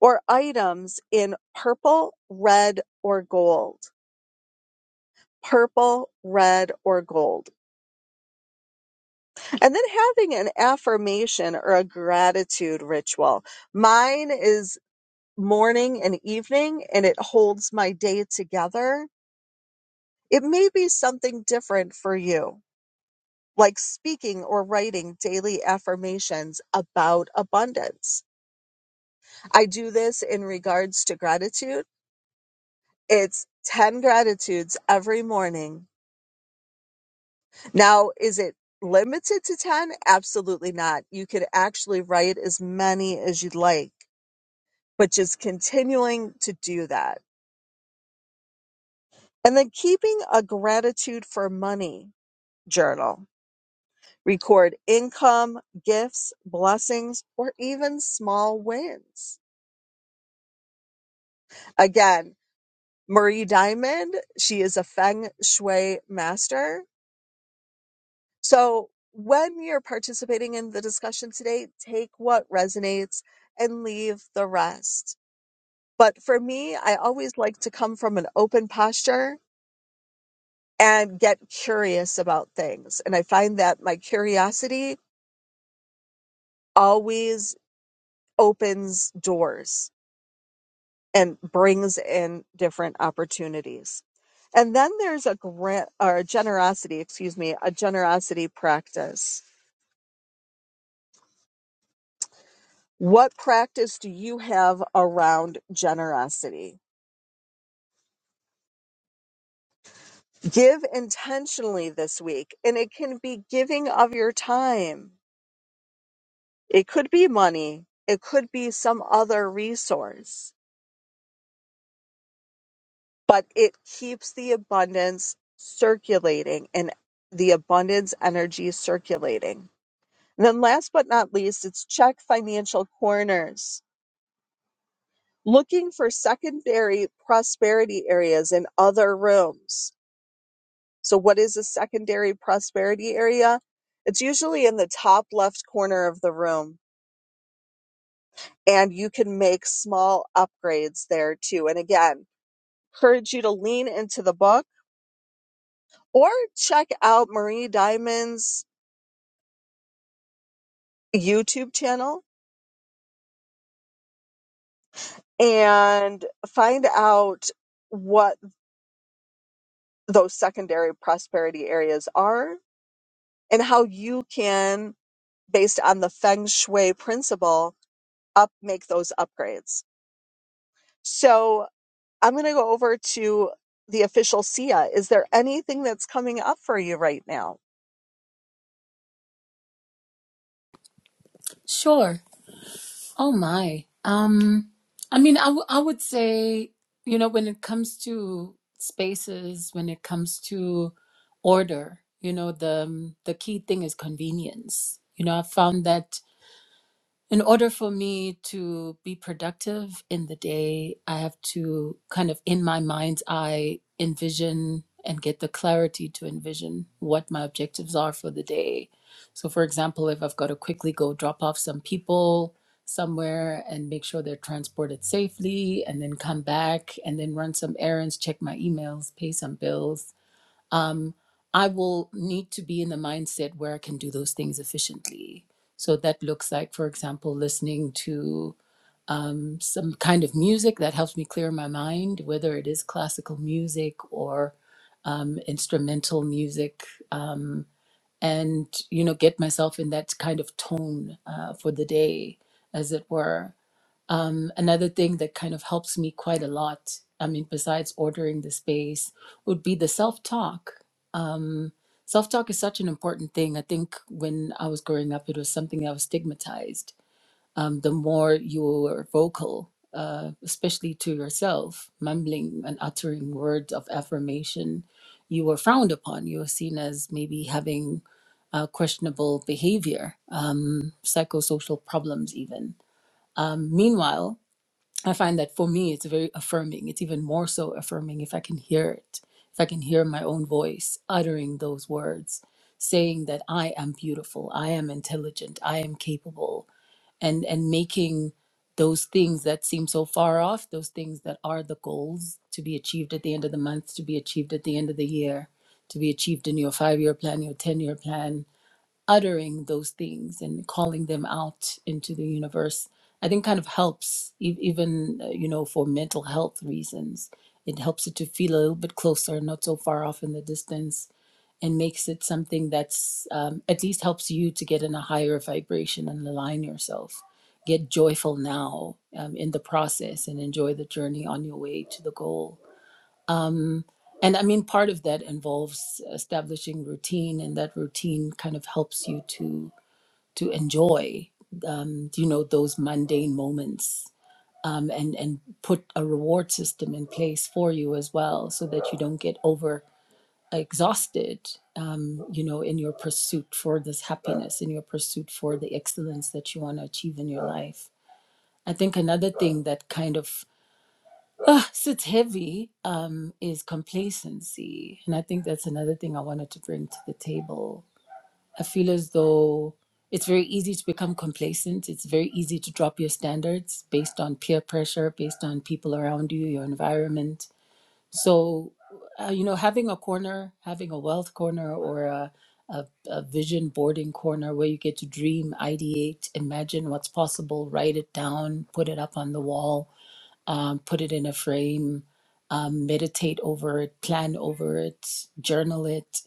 B: or items in purple, red, or gold. Purple, red, or gold. And then having an affirmation or a gratitude ritual. Mine is morning and evening and it holds my day together. It may be something different for you, like speaking or writing daily affirmations about abundance. I do this in regards to gratitude. It's 10 gratitudes every morning. Now, is it limited to 10? Absolutely not. You could actually write as many as you'd like, but just continuing to do that. And then keeping a gratitude for money journal record income, gifts, blessings, or even small wins. Again, Marie Diamond, she is a feng shui master. So when you're participating in the discussion today, take what resonates and leave the rest. But for me, I always like to come from an open posture and get curious about things. And I find that my curiosity always opens doors and brings in different opportunities. And then there's a grant or a generosity, excuse me, a generosity practice. What practice do you have around generosity? Give intentionally this week, and it can be giving of your time. It could be money, it could be some other resource, but it keeps the abundance circulating and the abundance energy circulating And then last but not least, it's check financial corners, looking for secondary prosperity areas in other rooms. So what is a secondary prosperity area? It's usually in the top left corner of the room and you can make small upgrades there too. And again, encourage you to lean into the book or check out Marie Diamond's YouTube channel and find out what those secondary prosperity areas are and how you can, based on the feng shui principle, up make those upgrades. So I'm going to go over to the official SIA. Is there anything that's coming up for you right now?
D: Sure. Oh my. Um, I mean, I, w- I would say, you know, when it comes to spaces, when it comes to order, you know, the the key thing is convenience. You know, I found that in order for me to be productive in the day, I have to kind of in my mind's eye envision and get the clarity to envision what my objectives are for the day. So, for example, if I've got to quickly go drop off some people somewhere and make sure they're transported safely, and then come back and then run some errands, check my emails, pay some bills um, I will need to be in the mindset where I can do those things efficiently. So that looks like, for example, listening to um, some kind of music that helps me clear my mind, whether it is classical music or um, instrumental music, um, and you know, get myself in that kind of tone uh, for the day, as it were. Um, another thing that kind of helps me quite a lot, I mean, besides ordering the space, would be the self talk Self talk is such an important thing. I think when I was growing up, it was something that was stigmatized. Um, the more you were vocal, uh, especially to yourself, mumbling and uttering words of affirmation, you were frowned upon. You were seen as maybe having uh, questionable behavior, um, psychosocial problems, even. Um, meanwhile, I find that for me, it's very affirming. It's even more so affirming if I can hear it, if I can hear my own voice uttering those words, saying that I am beautiful, I am intelligent, I am capable, and and making those things that seem so far off, those things that are the goals to be achieved at the end of the month, to be achieved at the end of the year, to be achieved in your five year plan, your 10 year plan, uttering those things and calling them out into the universe i think kind of helps e- even uh, you know for mental health reasons it helps it to feel a little bit closer not so far off in the distance and makes it something that's um, at least helps you to get in a higher vibration and align yourself get joyful now um, in the process and enjoy the journey on your way to the goal and i mean part of that involves establishing routine and that routine kind of helps you to to enjoy um, you know those mundane moments um, and and put a reward system in place for you as well so that you don't get over exhausted um, you know in your pursuit for this happiness in your pursuit for the excellence that you want to achieve in your life i think another thing that kind of sits heavy um, is complacency and i think that's another thing i wanted to bring to the table I feel as though it's very easy to become complacent. It's very easy to drop your standards based on peer pressure, based on people around you, your environment. So, uh, you know, having a corner, having a wealth corner or a, a, a vision boarding corner where you get to dream, ideate, imagine what's possible, write it down, put it up on the wall, um, put it in a frame, um, meditate over it, plan over it, journal it,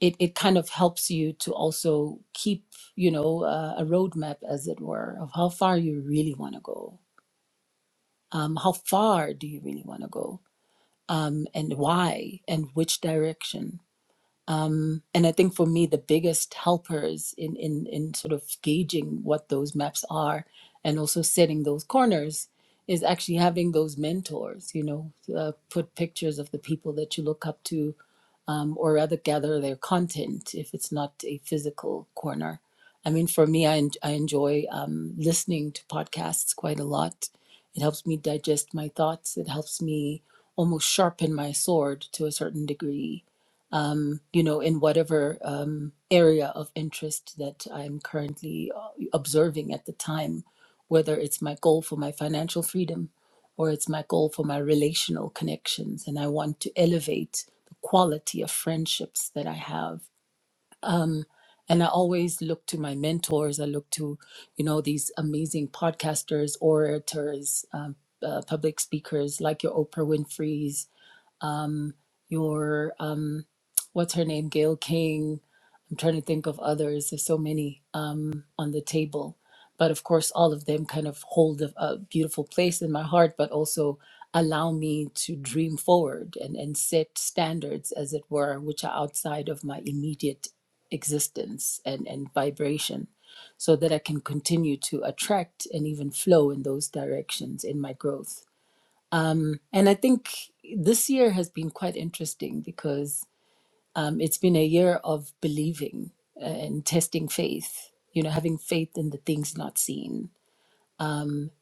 D: it, it kind of helps you to also keep you know uh, a roadmap as it were of how far you really want to go um, how far do you really want to go um, and why and which direction um, and I think for me, the biggest helpers in, in, in sort of gauging what those maps are and also setting those corners is actually having those mentors, you know, uh, put pictures of the people that you look up to um, or rather gather their content if it's not a physical corner. I mean, for me, I, en- I enjoy um, listening to podcasts quite a lot. It helps me digest my thoughts. It helps me almost sharpen my sword to a certain degree um, you know, in whatever um, area of interest that I'm currently uh, observing at the time, whether it's my goal for my financial freedom or it's my goal for my relational connections. And I want to elevate the quality of friendships that I have. And I always look to my mentors. I look to, you know, these amazing podcasters, orators, um, uh, public speakers like your Oprah Winfrey's, your um what's her name gail king i'm trying to think of others there's so many um on the table but of course all of them kind of hold a, a beautiful place in my heart but also allow me to dream forward and and set standards as it were which are outside of my immediate existence and and vibration so that i can continue to attract and even flow in those directions in my growth and I think this year has been quite interesting because um, it's been a year of believing uh, and testing faith, you know, having faith in the things not seen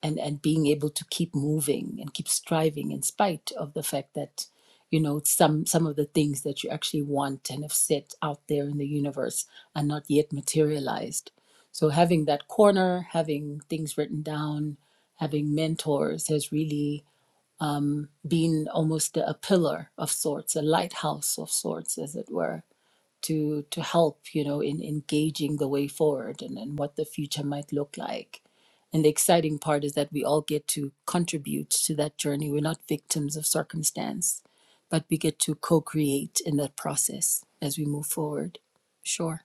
D: and, and being able to keep moving and keep striving in spite of the fact that, you know, some, some of the things that you actually want and have set out there in the universe are not yet materialized. So having that corner, having things written down, having mentors has really being almost a pillar of sorts, a lighthouse of sorts, as it were, to to help you know in engaging the way forward and, and what the future might look like. And the exciting part is that we all get to contribute to that journey. We're not victims of circumstance, but we get to co-create in that process as we move forward. Sure.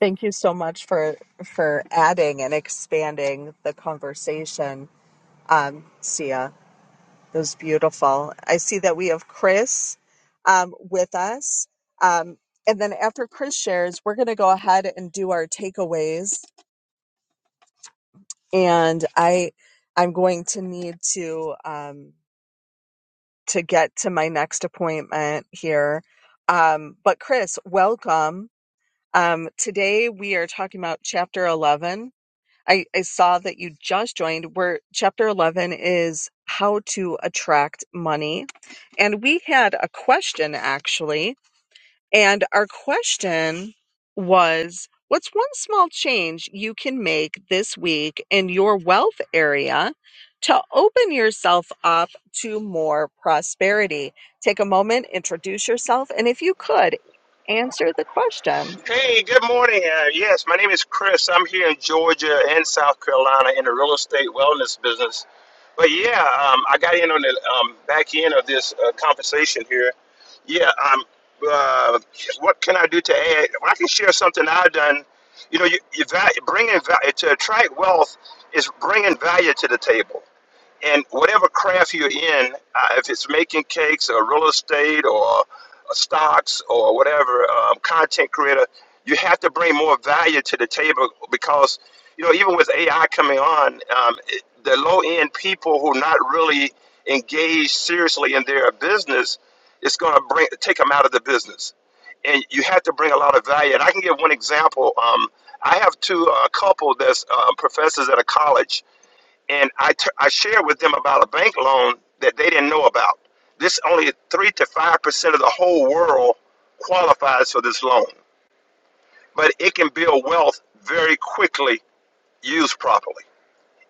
B: Thank you so much for for adding and expanding the conversation, um, Sia. Those beautiful. I see that we have Chris um, with us. Um, and then after Chris shares, we're going to go ahead and do our takeaways. And I, I'm going to need to um, to get to my next appointment here. Um, but Chris, welcome. Um, today we are talking about Chapter 11. I, I saw that you just joined. Where Chapter 11 is how to attract money And we had a question actually. And our question was What's one small change you can make this week in your wealth area to open yourself up to more prosperity? Take a moment, introduce yourself, and if you could, answer the question.
E: Hey, good morning. Uh, yes, my name is Chris. I'm here in Georgia and South Carolina in the real estate wellness business. But yeah, um, I got in on the um, back end of this uh, conversation here. Yeah, um, uh, what can I do to add? Well, I can share something I've done. You know, you, you value, bringing value to attract wealth is bringing value to the table. And whatever craft you're in, uh, if it's making cakes or real estate or uh, stocks or whatever, um, content creator, you have to bring more value to the table because, you know, even with AI coming on, um, it, the low end people who not really engaged seriously in their business, it's going to bring take them out of the business. And you have to bring a lot of value. And I can give one example. Um, I have two uh, couple that's uh, professors at a college and I t- I shared with them about a bank loan that they didn't know about. This only three to five percent of the whole world qualifies for this loan, but it can build wealth very quickly used properly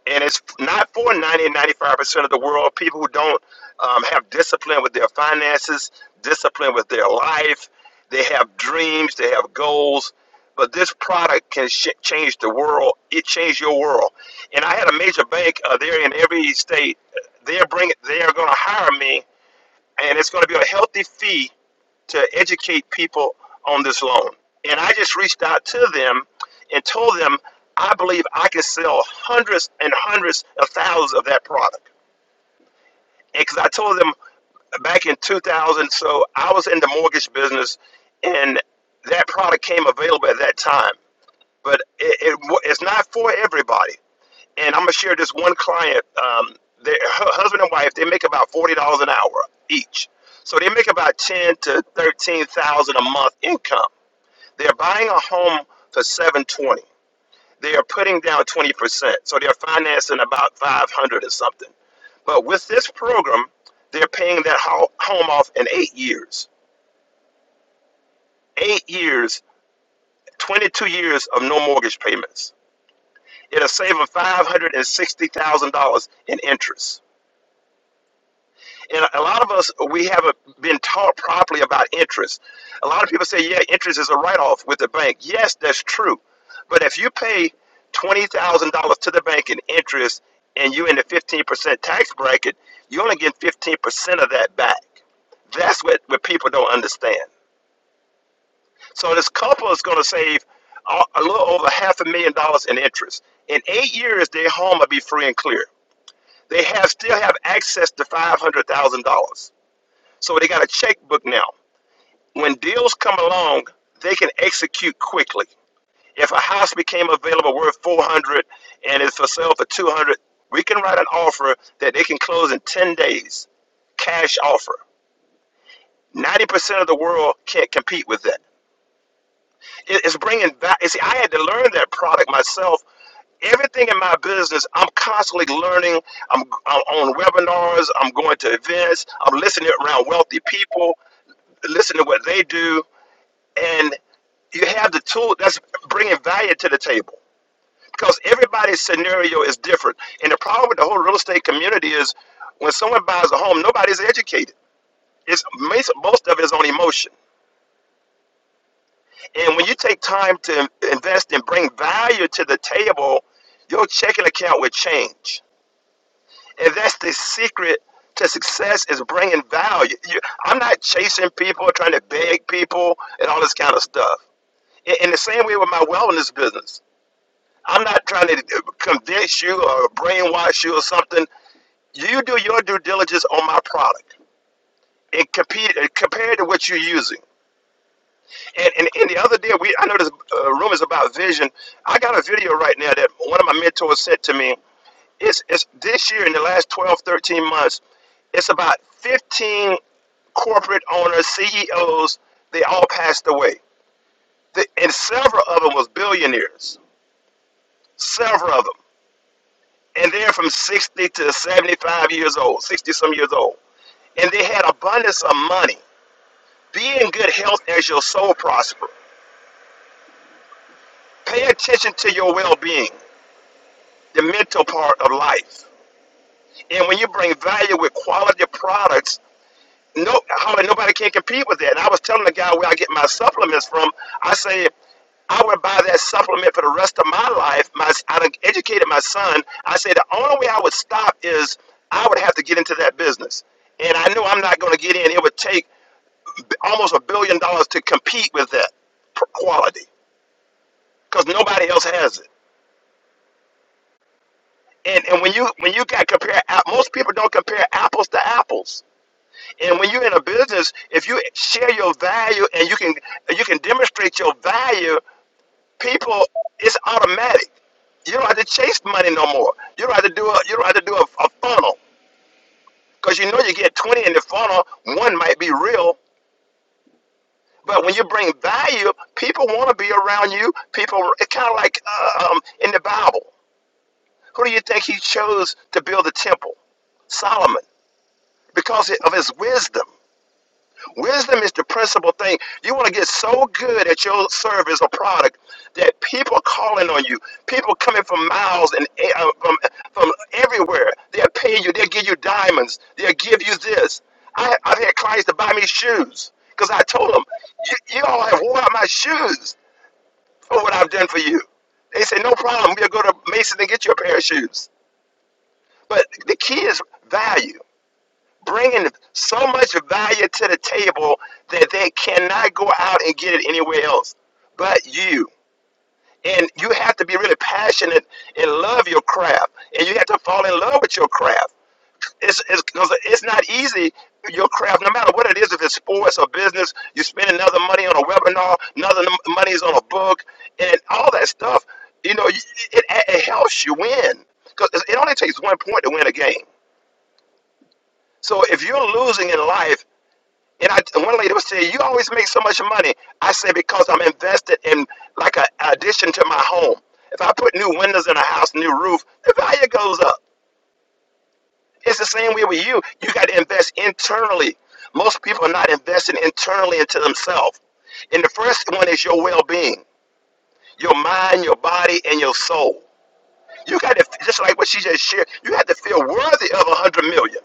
E: and it's not for ninety, ninety-five percent of the world people who don't um, have discipline with their finances discipline with their life they have dreams they have goals but this product can sh- change the world it changed your world and i had a major bank uh, there in every state they're bringing they're going to hire me and it's going to be a healthy fee to educate people on this loan. And I just reached out to them and told them I believe I can sell hundreds and hundreds of thousands of that product. And Because I told them back in 2000, so I was in the mortgage business, and that product came available at that time. But it, it it's not for everybody and I'm gonna share this one client. Um, their her husband and wife they make about forty dollars an hour each, so they make about ten to thirteen thousand a month income. They're buying a home for seven twenty. They are putting down twenty percent, so they're financing about five hundred or something. But with this program, they're paying that ho- home off in eight years. Eight years, twenty-two years of no mortgage payments. It'll save them five hundred and sixty thousand dollars in interest. and a lot of us we haven't been taught properly about interest. A lot of people say, "Yeah, interest is a write-off with the bank." Yes, that's true, but if you pay twenty thousand dollars to the bank in interest and you're in the fifteen percent tax bracket, you only get fifteen percent of that back. That's what what people don't understand. So this couple is going to save a a little over half a million dollars in interest. In eight years, their home will be free and clear. They have still have access to five hundred thousand dollars so they got a checkbook now. When deals come along, they can execute quickly. If a house became available worth 400 and is for sale for 200, we can write an offer that they can close in 10 days. Cash offer. 90% of the world can't compete with that. It- It's bringing back, you see, I had to learn that product myself everything in my business i'm constantly learning I'm, I'm on webinars i'm going to events i'm listening around wealthy people listening to what they do and you have the tool that's bringing value to the table because everybody's scenario is different. And the problem with the whole real estate community is when someone buys a home, nobody's educated. It's most most of it is on emotion. And when you take time to invest and bring value to the table, your checking account will change. And that's the secret to success is bringing value. You, I'm not chasing people, trying to beg people, and all this kind of stuff. In, in the same way with my wellness business, I'm not trying to convince you or brainwash you or something. You do your due diligence on my product and compete compared to what you're using. And, and, and the other day, we I know this uh, room is about vision. I got a video right now that one of my mentors said to me. It's, it's this year in the last 12, 13 months, it's about 15 corporate owners, CEOs, they all passed away. The, and several of them was billionaires. Several of them. and they're from 60 to 75 years old, 60 some years old. And they had abundance of money. Be in good health as your soul prosper. Pay attention to your well being, the mental part of life. And when you bring value with quality products no, how nobody can compete with that. And I was telling the guy where I get my supplements from. I say I would buy that supplement for the rest of my life. My I done educated my son. I say the only way I would stop is I would have to get into that business, and I knew I'm not going to get in. It would take b- almost a billion dollars to compete with that p- quality because nobody else has it. And and when you when you got compare, app- most people don't compare apples to apples And when you're in a business, if you share your value and you can you can demonstrate your value, people it's automatic. You don't have to chase money no more. You don't have to do a you don't have to do a, a funnel because you know you get 20 in the funnel. One might be real, but when you bring value, people want to be around you. People it's kind of like uh, um, in the Bible. Who do you think he chose to build the temple? Solomon, because of his wisdom. Wisdom is the principal thing. You want to get so good at your service or product that people are calling on you. People coming from miles and eh, uh, from, from everywhere. They'll pay you. They'll give you diamonds. They'll give you this. I, I've had clients to buy me shoes because I told them, you, you all have worn out my shoes for what I've done for you. They say, no problem. We'll go to Mason and get you a pair of shoes. But the key is value bringing so much value to the table that they cannot go out and get it anywhere else but you. And you have to be really passionate and love your craft. And you have to fall in love with your craft. It's, it's, 'cause it's not easy, your craft, no matter what it is, if it's sports or business, you spend another money on a webinar, another num- money is on a book, and all that stuff, you know, it, it, it helps you win. Because it only takes one point to win a game. So if you're losing in life, And I, and one lady was saying, "You always make so much money." I said, "Because I'm invested in like an addition to my home. If I put new windows in a house, new roof, the value goes up. It's the same way with you. You got to invest internally. Most people are not investing internally into themselves. And the first one is your well-being, your mind, your body, and your soul. You got to just like what she just shared. You have to feel worthy of a hundred million.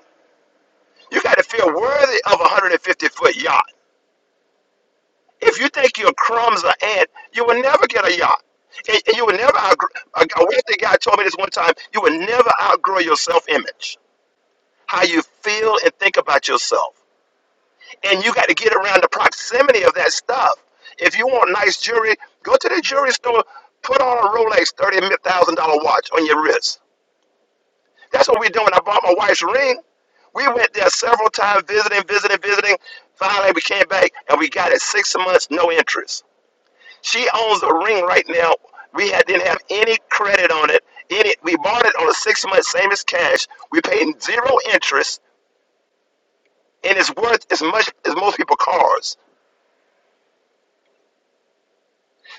E: You got to feel worthy of a hundred and fifty foot yacht. If you think your crumbs are ant, you will never get a yacht. And and you will never outgrow. A a wealthy guy told me this one time. You will never outgrow your self-image, how you feel and think about yourself, and you got to get around the proximity of that stuff. If you want nice jewelry, go to the jewelry store. Put on a Rolex thirty thousand dollar watch on your wrist. That's what we're doing. I bought my wife's ring. We went there several times, visiting, visiting, visiting. Finally, we came back and we got it six months, no interest. She owns a ring right now. We had, didn't have any credit on it. Any, we bought it on a six month, same as cash. We paid zero interest, and it's worth as much as most people cars.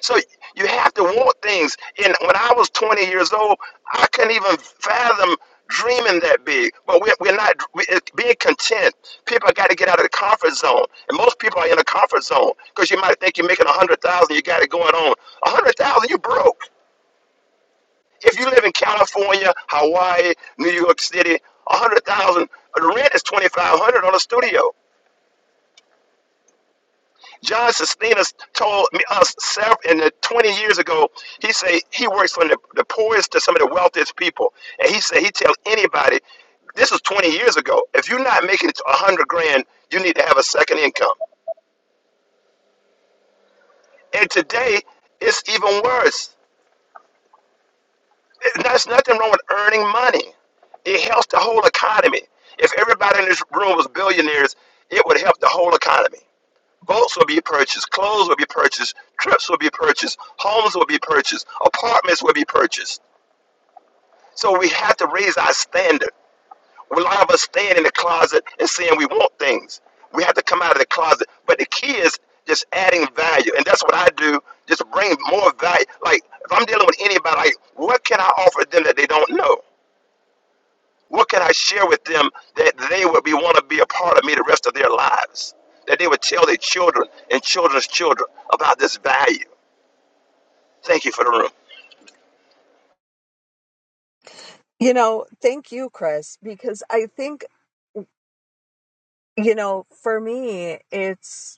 E: So you have to want things. And when I was 20 years old, I couldn't even fathom dreaming that big. But we're, we're not we, it- being content. People got to get out of the comfort zone, and most people are in a comfort zone because you might think you're making a hundred thousand, you got it going on. A hundred thousand, you broke. If you live in California, Hawaii, New York City, a hundred thousand the rent is twenty five hundred on a studio. John Sustina told me us several in the twenty years ago. He say he works from the, the poorest to some of the wealthiest people, and he said he tells anybody. This was 20 years ago. If you're not making it to 100 grand, you need to have a second income. And today, it's even worse. There's nothing wrong with earning money. It helps the whole economy. If everybody in this room was billionaires, it would help the whole economy. Boats will be purchased, clothes will be purchased, trips will be purchased, homes will be purchased, apartments will be purchased. So we have to raise our standard. A lot of us stand in the closet and saying we want things. We have to come out of the closet. But the key is just adding value. And that's what I do, just bring more value. Like, if I'm dealing with anybody, like, what can I offer them that they don't know? What can I share with them that they would be want to be a part of me the rest of their lives? That they would tell their children and children's children about this value. Thank you for the room.
B: You know, thank you, Chris, because I think, you know, for me, it's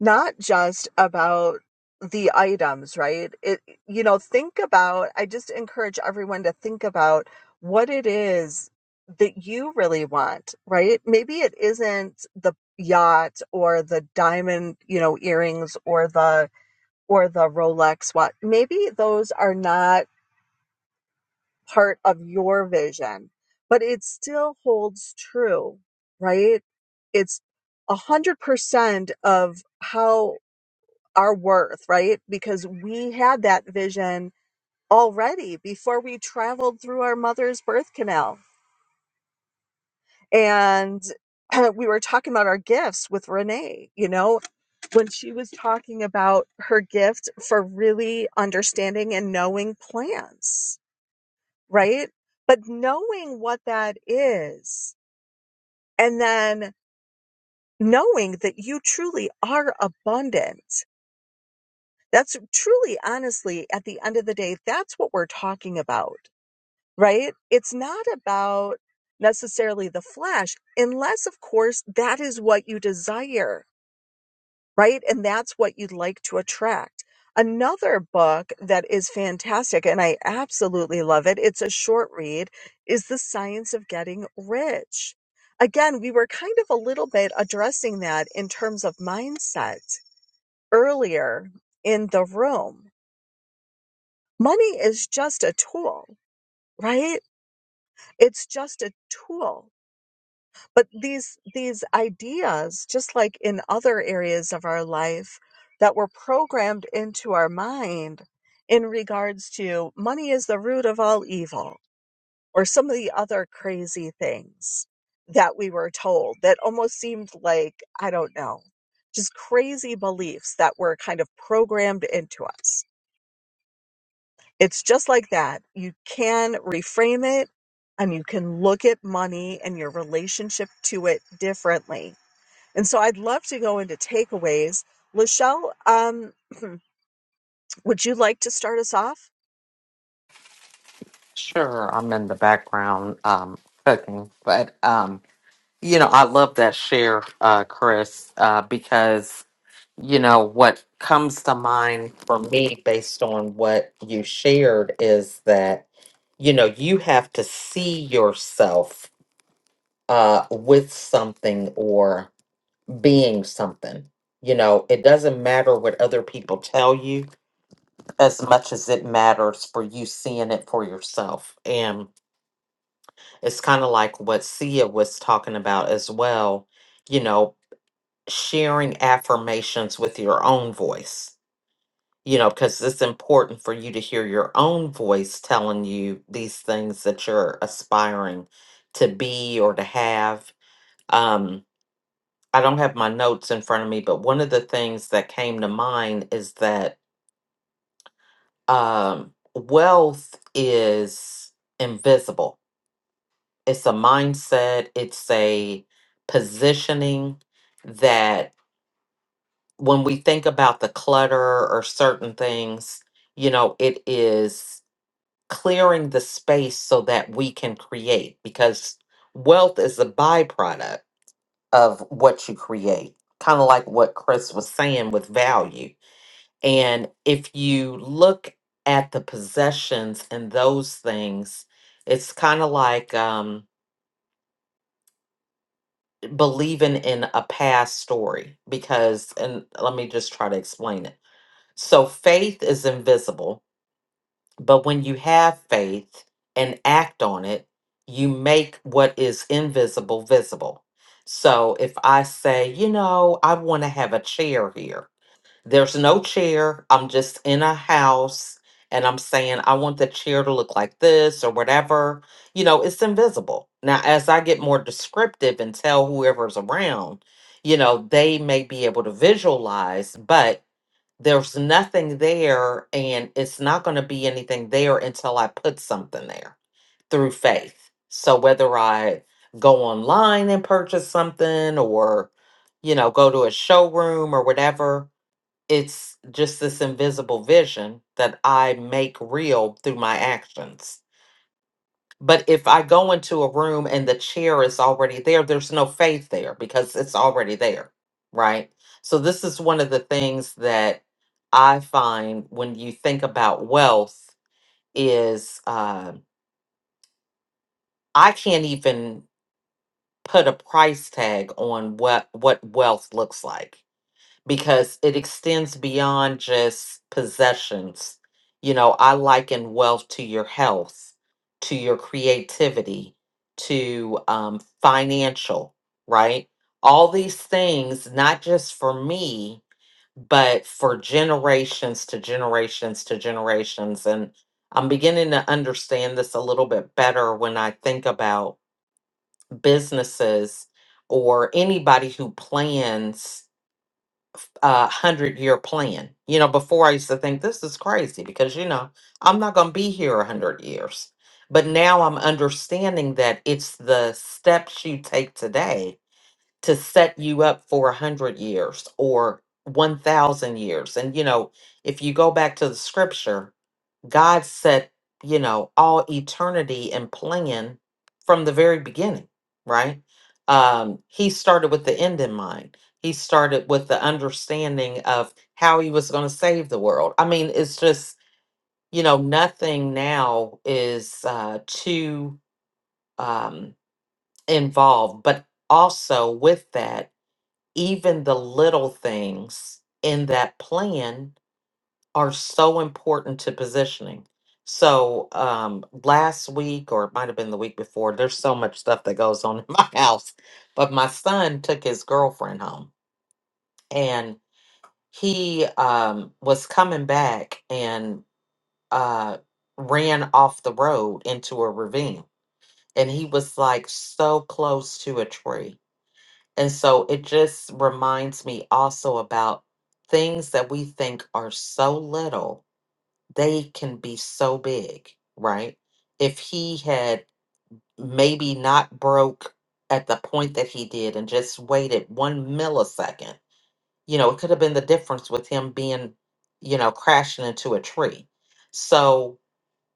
B: not just about the items, right? It you know, think about I just encourage everyone to think about what it is that you really want, right? Maybe it isn't the yacht or the diamond, you know, earrings or the or the Rolex watch. Maybe those are not part of your vision, but it still holds true, right? It's a hundred percent of how our worth, right? Because we had that vision already before we traveled through our mother's birth canal. And we were talking about our gifts with Renee, you know, when she was talking about her gift for really understanding and knowing plants, right? But knowing what that is and then knowing that you truly are abundant That's truly, honestly, at the end of the day, that's what we're talking about, right? It's not about necessarily the flesh, unless, of course, that is what you desire, right? And that's what you'd like to attract. Another book that is fantastic, and I absolutely love it, it's a short read, is The Science of Getting Rich. Again, we were kind of a little bit addressing that in terms of mindset earlier in the room money is just a tool right it's just a tool but these these ideas just like in other areas of our life that were programmed into our mind in regards to money is the root of all evil or some of the other crazy things that we were told that almost seemed like i don't know just crazy beliefs that were kind of programmed into us It's just like that. You can reframe it and you can look at money and your relationship to it differently. And so I'd love to go into takeaways. Lachelle, um, would you like to start us off?
A: Sure, I'm in the background um, cooking, but um, you know, I love that share, uh, Chris, uh, because you know what comes to mind for me based on what you shared is that you know you have to see yourself uh, with something or being something. You know, it doesn't matter what other people tell you as much as it matters for you seeing it for yourself. And It's kind of like what Sia was talking about as well, you know, sharing affirmations with your own voice, you know, because it's important for you to hear your own voice telling you these things that you're aspiring to be or to have. Um, I don't have my notes in front of me, but one of the things that came to mind is that um, wealth is invisible it's a mindset it's a positioning that when we think about the clutter or certain things you know it is clearing the space so that we can create because wealth is a byproduct of what you create kind of like what chris was saying with value and if you look at the possessions and those things it's kind of like um believing in a past story because and let me just try to explain it. So faith is invisible, but when you have faith and act on it, you make what is invisible visible. So if I say, you know, I want to have a chair here, there's no chair. I'm just in a house and I'm saying, I want the chair to look like this or whatever. You know, it's invisible. Now, as I get more descriptive and tell whoever's around, you know, they may be able to visualize, but there's nothing there and it's not going to be anything there until I put something there through faith. So whether I go online and purchase something or, you know, go to a showroom or whatever it's just this invisible vision that I make real through my actions. But if I go into a room and the chair is already there, there's no faith there because it's already there, right? So, this is one of the things that I find when you think about wealth is uh, I can't even put a price tag on what what wealth looks like because it extends beyond just possessions. You know, I liken wealth to your health, to your creativity, to um, financial, right? All these things, not just for me, but for generations to generations to generations. And I'm beginning to understand this a little bit better when I think about businesses or anybody who plans uh hundred year plan. You know, before I used to think this is crazy because you know I'm not going to be here a hundred years, but now I'm understanding that it's the steps you take today to set you up for a hundred years or one thousand years. And you know, if you go back to the scripture, God set, you know, all eternity and plan from the very beginning, right? Um, he started with the end in mind. He started with the understanding of how he was going to save the world. I mean, it's just, you know, nothing now is uh, too um, involved, but also with that, even the little things in that plan are so important to positioning. So um last week or it might have been the week before, there's so much stuff that goes on in my house. But my son took his girlfriend home and he um was coming back and uh ran off the road into a ravine and he was like so close to a tree. And so it just reminds me also about things that we think are so little they can be so big, right? If he had maybe not broke at the point that he did and just waited one millisecond, you know, it could have been the difference with him being, you know, crashing into a tree. So,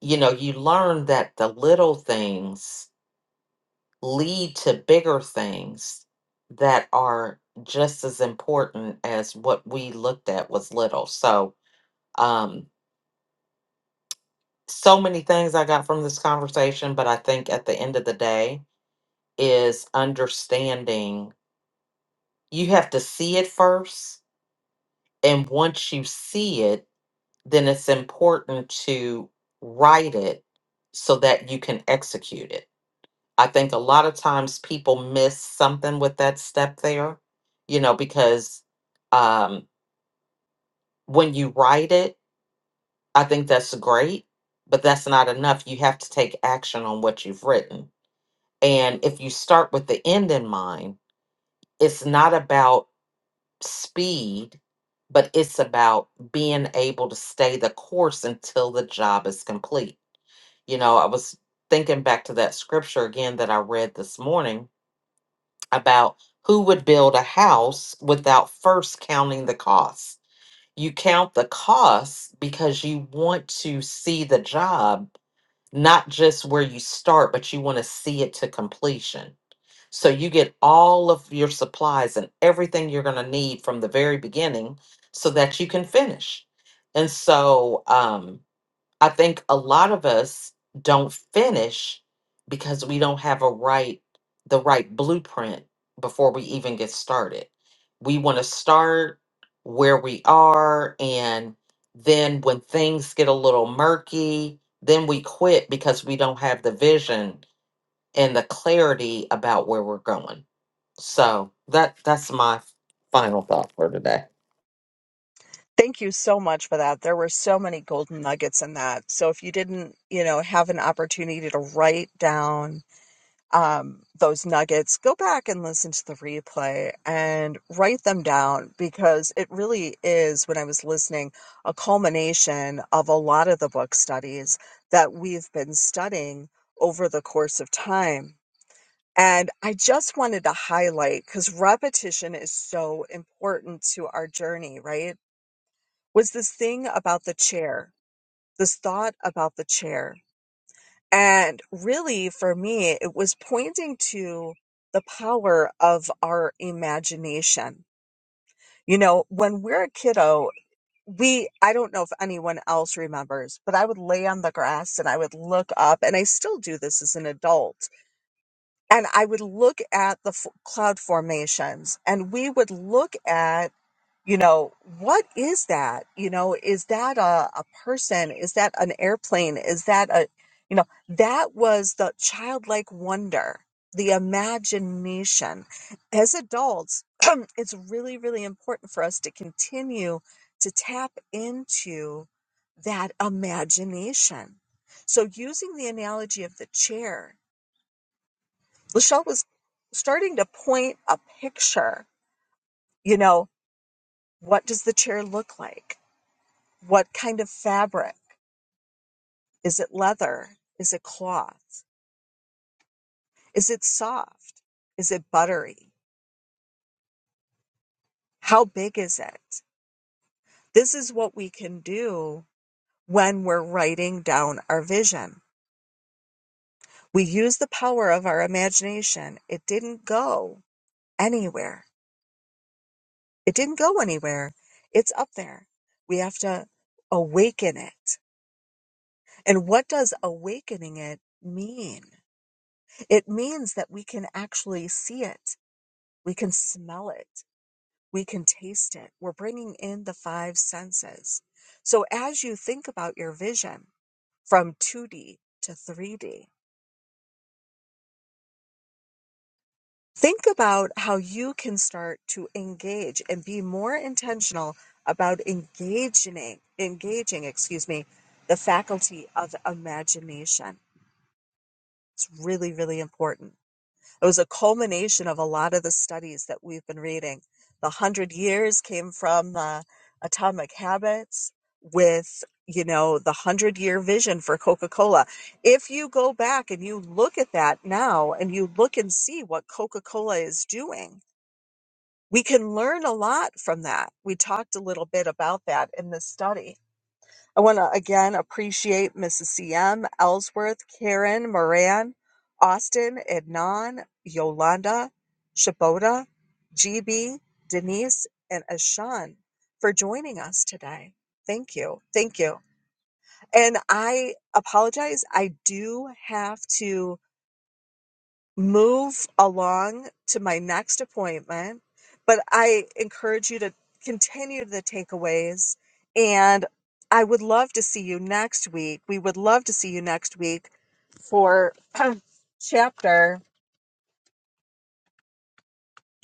A: you know, you learn that the little things lead to bigger things that are just as important as what we looked at was little. So, um. so many things I got from this conversation, but I think at the end of the day is understanding you have to see it first. And once you see it, then it's important to write it so that you can execute it. I think a lot of times people miss something with that step there, you know, because um, when you write it, I think that's great, but that's not enough. You have to take action on what you've written And if you start with the end in mind, it's not about speed, but it's about being able to stay the course until the job is complete. You know, I was thinking back to that scripture again that I read this morning about who would build a house without first counting the costs. You count the costs because you want to see the job, not just where you start, but you want to see it to completion So you get all of your supplies and everything you're going to need from the very beginning so that you can finish. And so um, I think a lot of us don't finish because we don't have a right, the right blueprint before we even get started. We want to start where we are. And then when things get a little murky, then we quit because we don't have the vision and the clarity about where we're going. So that that's my final thought for today.
B: Thank you so much for that. There were so many golden nuggets in that. So if you didn't, you know, have an opportunity to write down um, those nuggets, go back and listen to the replay and write them down because it really is, when I was listening, a culmination of a lot of the book studies that we've been studying over the course of time. And I just wanted to highlight because repetition is so important to our journey, right? Was this thing about the chair, this thought about the chair. And really, for me, it was pointing to the power of our imagination. You know, when we're a kiddo, we, I don't know if anyone else remembers, but I would lay on the grass and I would look up, and I still do this as an adult, and I would look at the f- cloud formations, and we would look at you know what is that you know is that a, a person is that an airplane is that a you know that was the childlike wonder the imagination as adults it's really really important for us to continue to tap into that imagination so using the analogy of the chair lachelle was starting to point a picture you know what does the chair look like What kind of fabric? Is it leather? Is it cloth? Is it soft? Is it buttery? How big is it? This is what we can do when we're writing down our vision. We use the power of our imagination. It didn't go anywhere. It didn't go anywhere. It's up there. We have to awaken it. And what does awakening it mean? It means that we can actually see it. We can smell it we can taste it. We're bringing in the five senses. So as you think about your vision from 2D to 3D, think about how you can start to engage and be more intentional about engaging, engaging, excuse me, the faculty of imagination. It's really, really important. It was a culmination of a lot of the studies that we've been reading. The hundred years came from uh, Atomic Habits with, you know, the hundred year vision for Coca Cola. If you go back and you look at that now and you look and see what Coca Cola is doing, we can learn a lot from that. We talked a little bit about that in this study I want to again appreciate Mrs. CM, Ellsworth, Karen, Moran, Austin, Ednan, Yolanda, Shaboda, GB, Denise, and Ashan for joining us today. Thank you. Thank you. And I apologize. I do have to move along to my next appointment. But I encourage you to continue the takeaways. And I would love to see you next week. We would love to see you next week for chapter.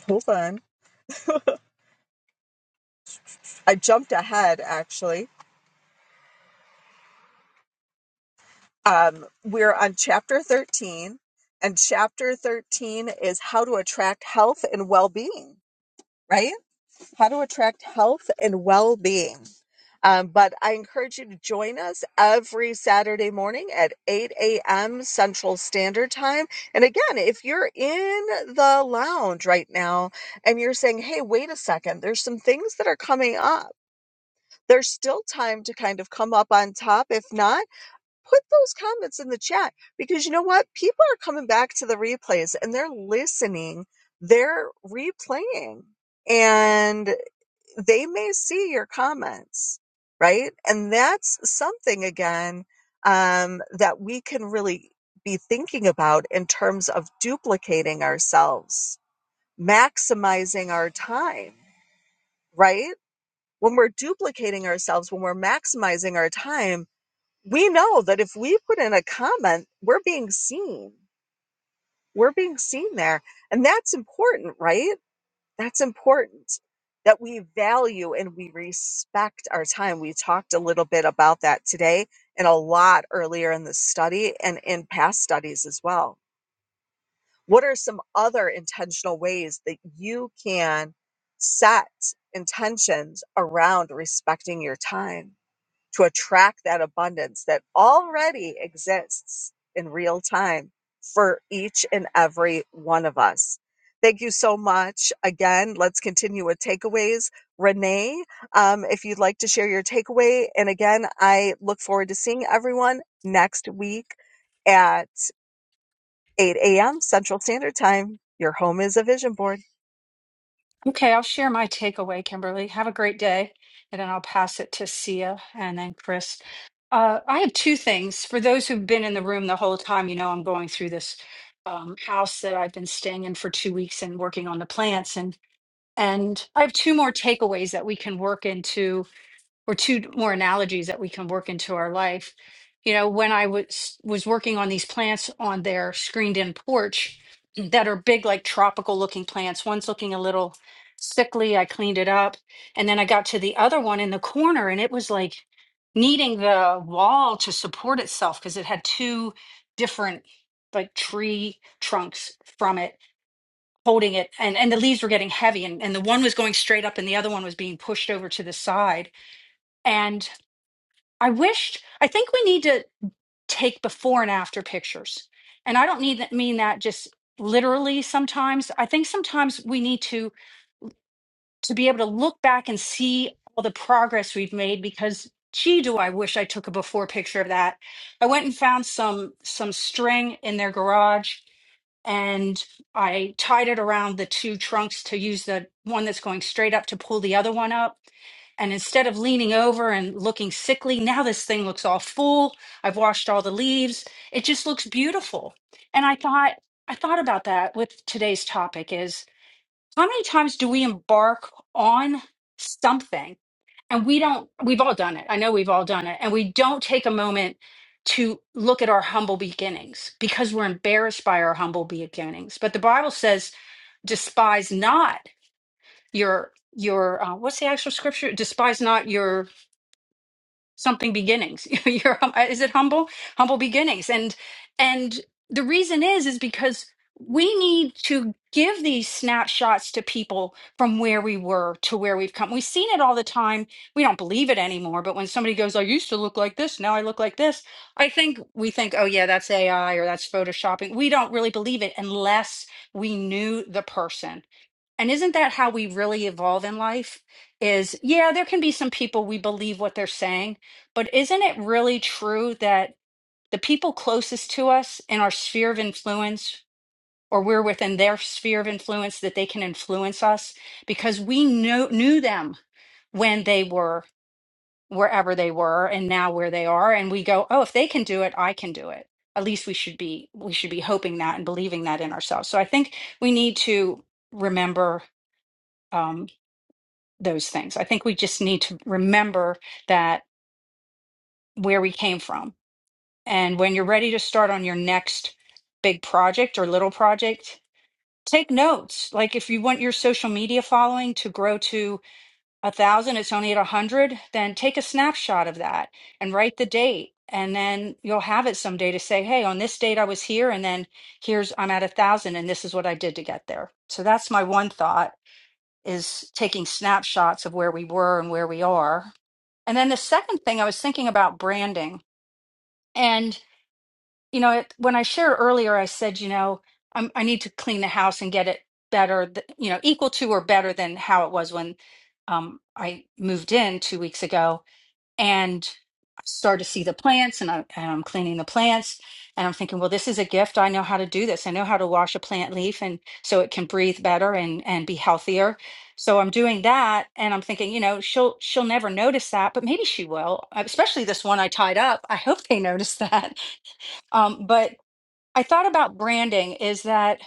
B: Hold on. I jumped ahead, actually. Um, we're on chapter 13, and chapter 13 is how to attract health and well being, right? how to attract health and well being. Um, but I encourage you to join us every Saturday morning at 8 a.m. Central Standard Time. And again, if you're in the lounge right now and you're saying, hey, wait a second, there's some things that are coming up, there's still time to kind of come up on top. If not, put those comments in the chat because you know what? People are coming back to the replays and they're listening, they're replaying. And they may see your comments, right? And that's something again um, that we can really be thinking about in terms of duplicating ourselves, maximizing our time, right? When we're duplicating ourselves, when we're maximizing our time, we know that if we put in a comment, we're being seen. We're being seen there. And that's important, right? That's important that we value and we respect our time. We talked a little bit about that today and a lot earlier in the study and in past studies as well. What are some other intentional ways that you can set intentions around respecting your time? to attract that abundance that already exists in real time for each and every one of us. Thank you so much. Again, let's continue with takeaways. Renee, um, if you'd like to share your takeaway. And again, I look forward to seeing everyone next week at 8 a.m. Central Standard Time. Your home is a vision board.
C: Okay, I'll share my takeaway, Kimberly. Have a great day. And then I'll pass it to Sia and then Chris. Uh, I have two things. For those who've been in the room the whole time, you know I'm going through this um, house that I've been staying in for two weeks and working on the plants. And and I have two more takeaways that we can work into or two more analogies that we can work into our life. You know, when I was was working on these plants on their screened-in porch that are big, like tropical-looking plants. One's looking a little sickly. I cleaned it up, and then I got to the other one in the corner, and it was like needing the wall to support itself because it had two different like tree trunks from it holding it and and the leaves were getting heavy and, and the one was going straight up and the other one was being pushed over to the side and I wished, I think we need to take before and after pictures. And I don't need that, mean that just literally sometimes. I think sometimes we need to to be able to look back and see all the progress we've made because gee do I wish I took a before picture of that. I went and found some some string in their garage and I tied it around the two trunks to use the one that's going straight up to pull the other one up. And instead of leaning over and looking sickly, now this thing looks all full. I've washed all the leaves. It just looks beautiful. And I thought, I thought about that with today's topic is how many times do we embark on something? and we don't we've all done it i know we've all done it and we don't take a moment to look at our humble beginnings because we're embarrassed by our humble beginnings but the bible says despise not your your uh, what's the actual scripture despise not your something beginnings you're is it humble humble beginnings and and the reason is is because we need to give these snapshots to people from where we were to where we've come we've seen it all the time we don't believe it anymore but when somebody goes i used to look like this now i look like this i think we think oh yeah that's ai or that's photoshopping we don't really believe it unless we knew the person and isn't that how we really evolve in life? Is yeah, there can be some people we believe what they're saying, but isn't it really true that the people closest to us in our sphere of influence, or we're within their sphere of influence, that they can influence us because we knew, knew them when they were wherever they were and now where they are and we go oh if they can do it i can do it at least we should be we should be hoping that and believing that in ourselves so i think we need to remember um, those things. I think we just need to remember that where we came from. And when you're ready to start on your next big project or little project, take notes. Like if you want your social media following to grow to a thousand, it's only at a hundred, then take a snapshot of that and write the date. And then you'll have it someday to say, hey, on this date I was here, and then here's I'm at a thousand, and this is what I did to get there. So that's my one thought is taking snapshots of where we were and where we are And then the second thing I was thinking about branding. And, you know, it, when I shared earlier, I said, you know, I'm, I need to clean the house and get it better, th- you know, equal to or better than how it was when um, I moved in two weeks ago and I start to see the plants and, I, and I'm cleaning the plants and I'm thinking, well, this is a gift. I know how to do this. I know how to wash a plant leaf and so it can breathe better and and be healthier. So I'm doing that and I'm thinking, you know, she'll she'll never notice that, but maybe she will. Especially this one I tied up. I hope they notice that. Um, but I thought about branding is that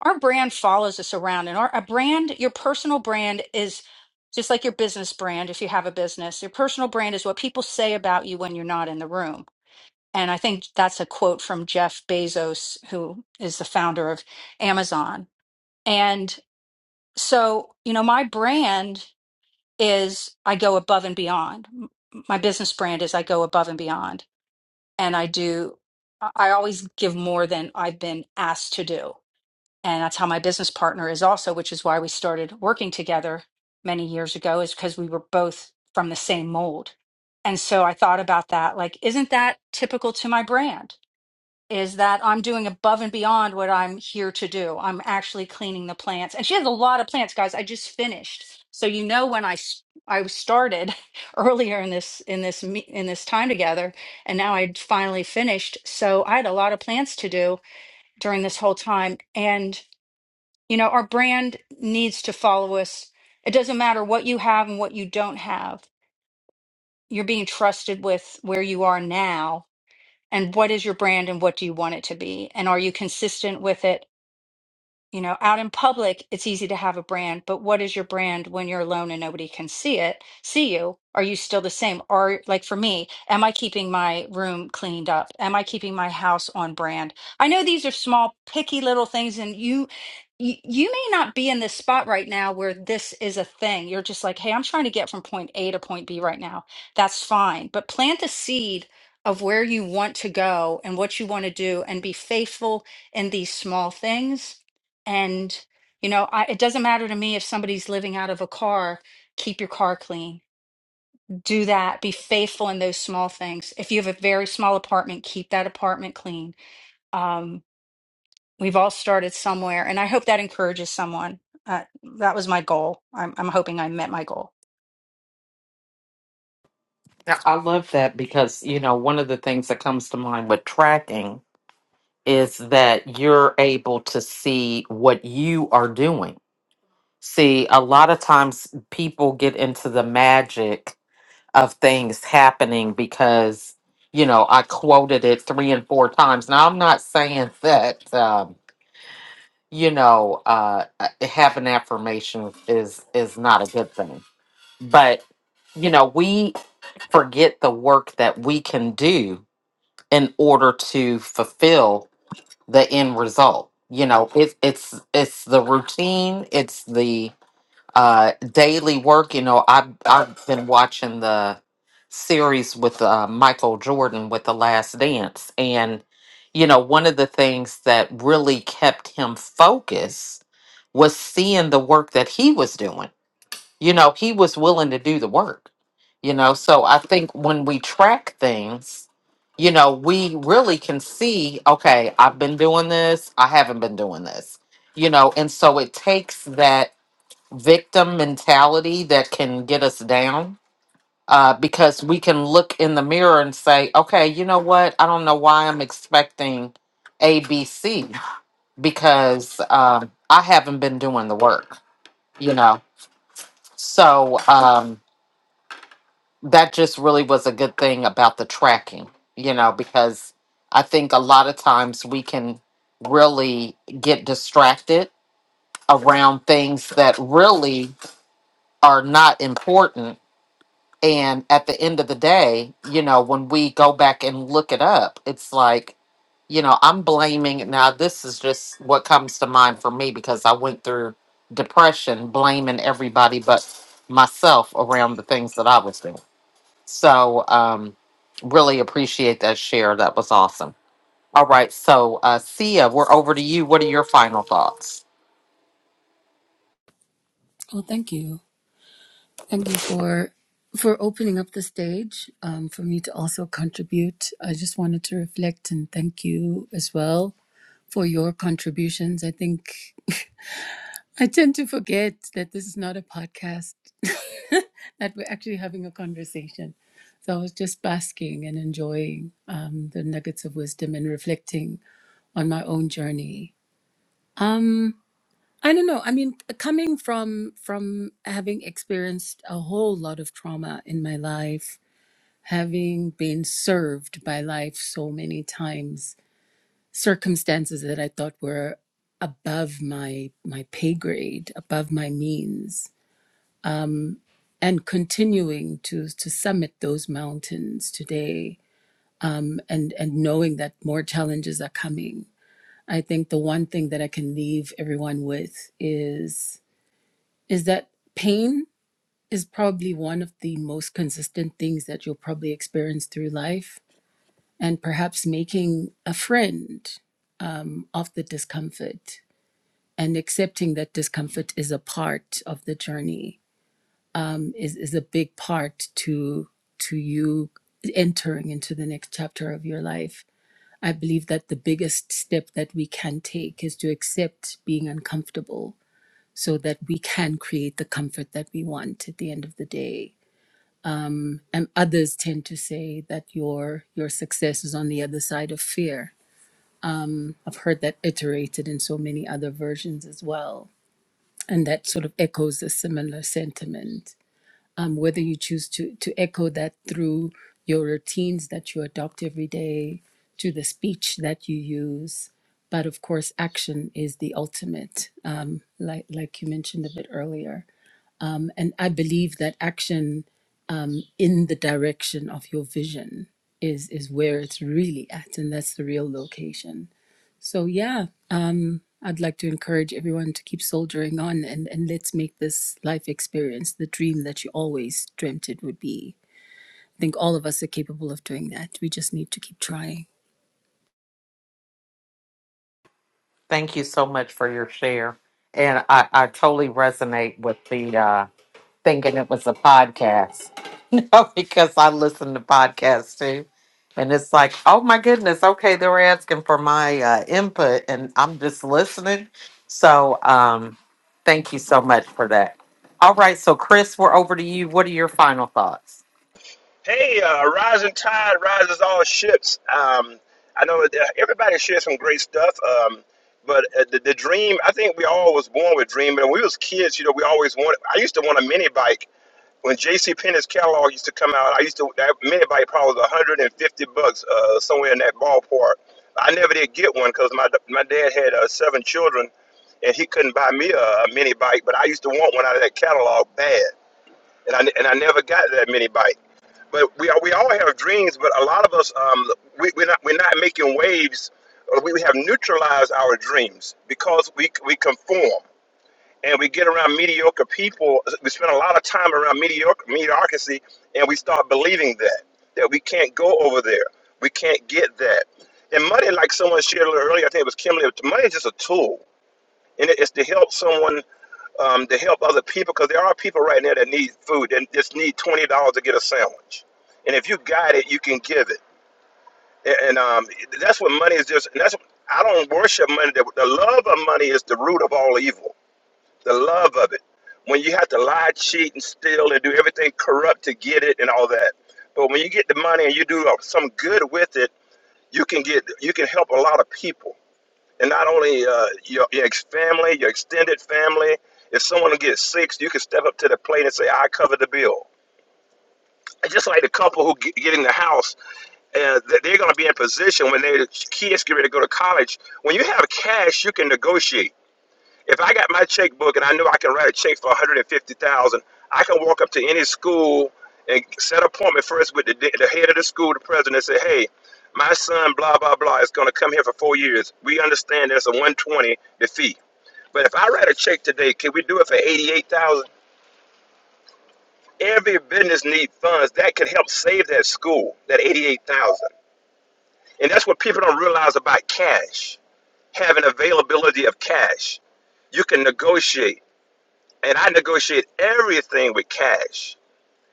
C: our brand follows us around, and our a brand, your personal brand is just like your business brand. If you have a business, your personal brand is what people say about you when you're not in the room. And I think that's a quote from Jeff Bezos, who is the founder of Amazon. And so, you know, my brand is I go above and beyond. M- My business brand is I go above and beyond, and I do. I I always give more than I've been asked to do and that's how my business partner is also which is why we started working together many years ago is because we were both from the same mold and so i thought about that like isn't that typical to my brand is that i'm doing above and beyond what i'm here to do i'm actually cleaning the plants and she has a lot of plants guys i just finished so you know when i s- i started earlier in this in this me- in this time together and now i'd finally finished so i had a lot of plants to do during this whole time and. You know, our brand needs to follow us. It doesn't matter what you have and what you don't have. You're being trusted with where you are now and what is your brand and what do you want it to be? And are you consistent with it? You know, out in public, it's easy to have a brand, but what is your brand when you're alone and nobody can see it, see you? Are you still the same? Or like for me, am I keeping my room cleaned up? Am I keeping my house on brand? I know these are small, picky little things, and you you, you may not be in this spot right now where this is a thing. You're just like, hey, I'm trying to get from point A to point B right now. That's fine. But plant a seed of where you want to go and what you want to do and be faithful in these small things and, you know, I, it doesn't matter to me if somebody's living out of a car, keep your car clean. Do that. Be faithful in those small things. If you have a very small apartment, keep that apartment clean. Um, we've all started somewhere, and I hope that encourages someone. Uh, that was my goal. I'm, I'm hoping I met my goal.
A: Yeah, I love that because you know one of the things that comes to mind with tracking is that you're able to see what you are doing. See, a lot of times people get into the magic of things happening because you know I quoted it three and four times. Now I'm not saying that um, you know uh, uh, having affirmation is is not a good thing But, you know, we forget the work that we can do in order to fulfill the end result. You know, it, it's it's the routine, it's the uh, daily work. You know, I've I've been watching the series with uh, Michael Jordan with The Last Dance, and you know, one of the things that really kept him focused was seeing the work that he was doing you know, he was willing to do the work. You know, so I think when we track things, you know, we really can see, okay, I've been doing this, I haven't been doing this. You know, and so it takes that victim mentality that can get us down uh, because we can look in the mirror and say, okay, you know what? I don't know why I'm expecting ABC because um, I haven't been doing the work, you know? So, um, that just really was a good thing about the tracking, you know, because I think a lot of times we can really get distracted around things that really are not important. And at the end of the day, you know, when we go back and look it up, it's like, you know, I'm blaming. Now, this is just what comes to mind for me because I went through depression, blaming everybody but myself around the things that I was doing so um, really appreciate that share. That was awesome. All right, so uh, Sia, we're over to you. What are your final thoughts?
D: Well, thank you. Thank you for for opening up the stage um, for me to also contribute. I just wanted to reflect and thank you as well for your contributions. I think I tend to forget that this is not a podcast, that we're actually having a conversation. So I was just basking and enjoying um, the nuggets of wisdom and reflecting on my own journey. Um, I don't know. I mean, c- coming from from having experienced a whole lot of trauma in my life, having been served by life so many times, circumstances that I thought were above my my pay grade, above my means, and continuing to to summit those mountains today um, and and knowing that more challenges are coming. I think the one thing that I can leave everyone with is is that pain is probably one of the most consistent things that you'll probably experience through life, and perhaps making a friend um, of the discomfort and accepting that discomfort is a part of the journey um, is is a big part to to you entering into the next chapter of your life. I believe that the biggest step that we can take is to accept being uncomfortable so that we can create the comfort that we want at the end of the day and others tend to say that your your success is on the other side of fear i've heard that iterated in so many other versions as well and that sort of echoes a similar sentiment um, whether you choose to to echo that through your routines that you adopt every day to the speech that you use but of course action is the ultimate um, like like you mentioned a bit earlier Um, and i believe that action in the direction of your vision is is where it's really at and that's the real location so yeah i'd like to encourage everyone to keep soldiering on and and let's make this life experience the dream that you always dreamt it would be i think all of us are capable of doing that we just need to keep trying
A: Thank you so much for your share, and I, I totally resonate with the uh, thinking it was a podcast. Oh, because I listen to podcasts too. And it's like, oh my goodness, okay, they were asking for my uh, input and I'm just listening. So um, thank you so much for that. All right, so Chris, we're over to you. What are your final thoughts?
E: Hey, uh, rising tide rises all ships. Um, I know that uh, everybody shares some great stuff, um, but uh, the, the dream. I think we all was born with dream. But when we was kids, you know, we always wanted. I used to want a mini bike. When J.C. Penney's catalog used to come out, I used to that mini bike probably was 150 bucks uh, somewhere in that ballpark. I never did get one because my my dad had uh, seven children, and he couldn't buy me a, a mini bike. But I used to want one out of that catalog bad, and I and I never got that mini bike but we are, we all have dreams, but a lot of us um, we, we're not we're not making waves. or We we have neutralized our dreams because we we conform and we get around mediocre people. We spend a lot of time around mediocre mediocrity, and we start believing that that we can't go over there, we can't get that. And money, like someone shared a little earlier, I think it was Kimberly. Money is just a tool, and it- it's to help someone um, to help other people because there are people right now that need food and just need twenty dollars to get a sandwich. And if you got it, you can give it. And, and, um, that's what money is. Just and that's I don't worship money. The, the love of money is the root of all evil. The love of it. When you have to lie, cheat, and steal, and do everything corrupt to get it, and all that. But when you get the money and you do uh, some good with it, you can get you can help a lot of people and not only uh, your, your ex family, your extended family. If someone gets sick, you can step up to the plate and say, "I cover the bill." And just like the couple who get, get in the house, uh, that they're going to be in position when their kids get ready to go to college. When you have cash, you can negotiate. If I got my checkbook and I know I can write a check for 150,000, I can walk up to any school and set an appointment first with the, the head of the school, the president, and say, "Hey, my son, blah blah blah, is going to come here for four years. We understand there's a 120 the fee. But if I write a check today, can we do it for 88,000? Every business needs funds that can help save that school, that 88,000. And that's what people don't realize about cash, having availability of cash. You can negotiate and I negotiate everything with cash.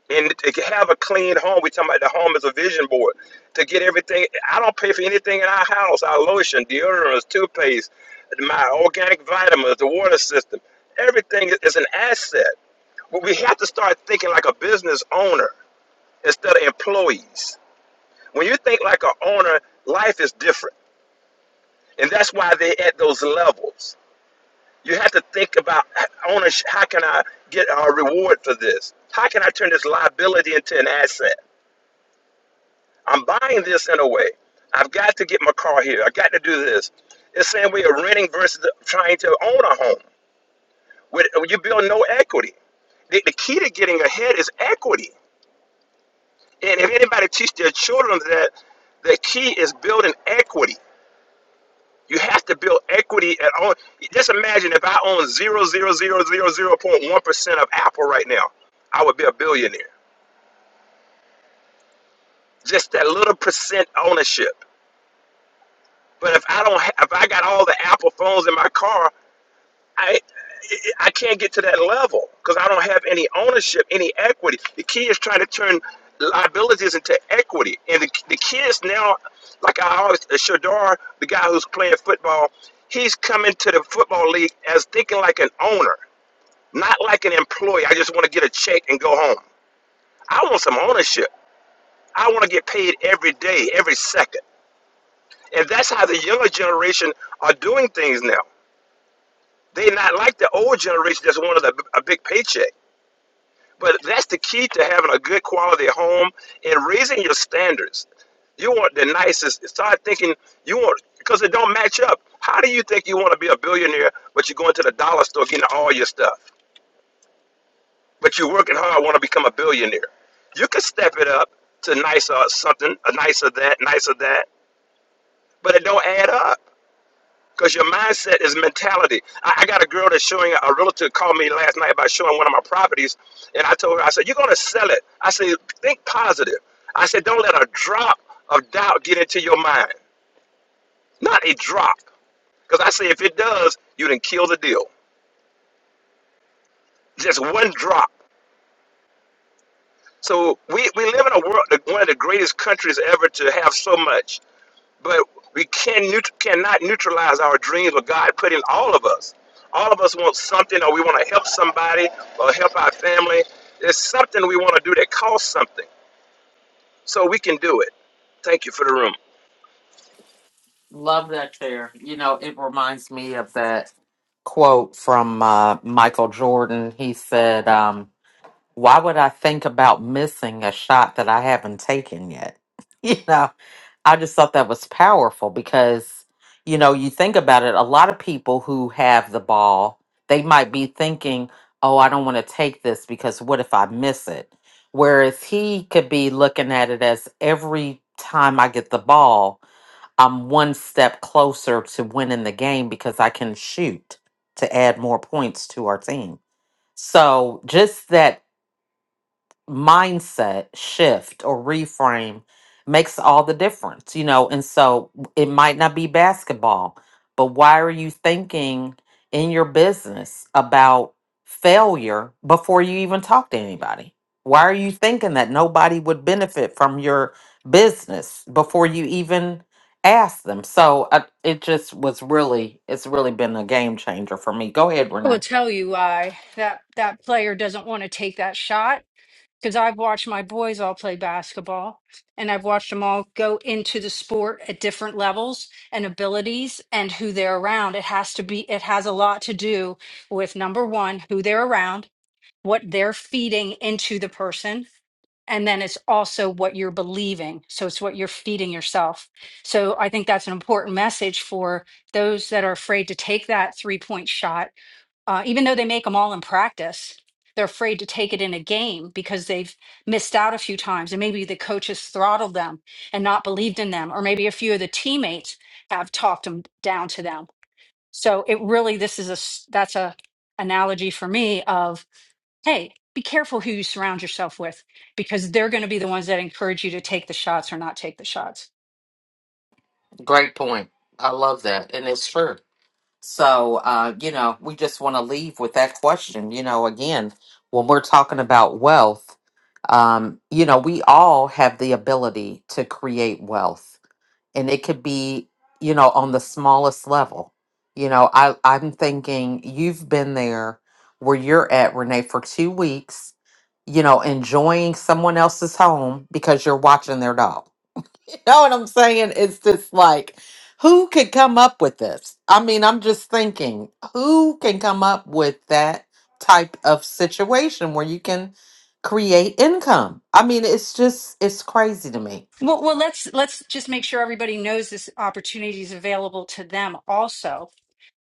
E: And to have a clean home, we talking about the home as a vision board. To get everything, I don't pay for anything in our house. Our lotion, deodorants, toothpaste, my organic vitamins, the water system, everything is is an asset. But we have to start thinking like a business owner instead of employees. When you think like an owner, life is different, and that's why they're at those levels. You have to think about I wanna sh- how can I get a reward for this? How can I turn this liability into an asset? I'm buying this in a way. I've got to get my car here. I got to do this. It's the same way of renting versus trying to own a home. With, you build no equity. The, the key to getting ahead is equity. And if anybody teach their children that the key is building equity, You have to build equity at all. Just imagine if I own 0.0000.1% of Apple right now, I would be a billionaire. Just that little percent ownership. But if I don't, ha- if I got all the Apple phones in my car, I I can't get to that level because I don't have any ownership, any equity. The key is trying to turn liabilities into equity, and the, the kids now, like I always, uh, Shadar, the guy who's playing football, he's coming to the football league as thinking like an owner. Not like an employee. I just want to get a check and go home. I want some ownership. I want to get paid every day, every second. And that's how the younger generation are doing things now. They're not like the old generation that's wanted a, a big paycheck. But that's the key to having a good quality home and raising your standards. You want the nicest. Start thinking you want because it don't match up. How do you think you want to be a billionaire, but you go into the dollar store getting all your stuff? but you're working hard, want to become a billionaire. You can step it up to nicer something, a nicer that, nicer that, but it don't add up because your mindset is mentality. I, I got a girl that's showing a realtor called me last night about showing one of my properties, and I told her, I said, "You're gonna sell it." I said, "Think positive." I said, "Don't let a drop of doubt get into your mind, not a drop." Because I say if it does, you did kill the deal. Just one drop. So we, we live in a world, one of the greatest countries ever to have so much. But we can neut- cannot neutralize our dreams what God put in all of us. All of us want something, or we want to help somebody, or help our family. There's something we want to do that costs something, so we can do it. Thank you for the room.
A: Love that chair. You know, it reminds me of that quote from uh, Michael Jordan. He said, um, Why would I think about missing a shot that I haven't taken yet? you know, I just thought that was powerful because, you know, you think about it, a lot of people who have the ball, they might be thinking, oh, I don't want to take this because what if I miss it? Whereas he could be looking at it as every time I get the ball, I'm one step closer to winning the game because I can shoot to add more points to our team. So just that mindset shift or reframe makes all the difference, you know. And so it might not be basketball, but why are you thinking in your business about failure before you even talk to anybody? Why are you thinking that nobody would benefit from your business before you even ask them? So I, it just was really, it's really been a game changer for me. Go ahead,
C: I will
A: Renee.
C: tell you why that that player doesn't want to take that shot because I've watched my boys all play basketball and I've watched them all go into the sport at different levels and abilities and who they're around. It has to be, it has a lot to do with number one, who they're around, what they're feeding into the person. And then it's also what you're believing. So it's what you're feeding yourself. So I think that's an important message for those that are afraid to take that three point shot uh, even though they make them all in practice, they're afraid to take it in a game because they've missed out a few times. And maybe the coaches throttled them and not believed in them, or maybe a few of the teammates have talked them down to them. So it really, this is a, s- that's a analogy for me of, hey, be careful who you surround yourself with because they're going to be the ones that encourage you to take the shots or not take the shots.
A: Great point. I love that. And it's true. So, uh, you know, we just want to leave with that question. You know, again, when we're talking about wealth, um, you know, we all have the ability to create wealth, and it could be, you know, on the smallest level. You know, I, I'm thinking you've been there where you're at, Renee, for two weeks, you know, enjoying someone else's home because you're watching their dog know what I'm saying? It's just like, who could come up with this? I mean, I'm just thinking, who can come up with that type of situation where you can create income? I mean, it's just, it's crazy to me.
C: Well, well, let's let's just make sure everybody knows this opportunity is available to them also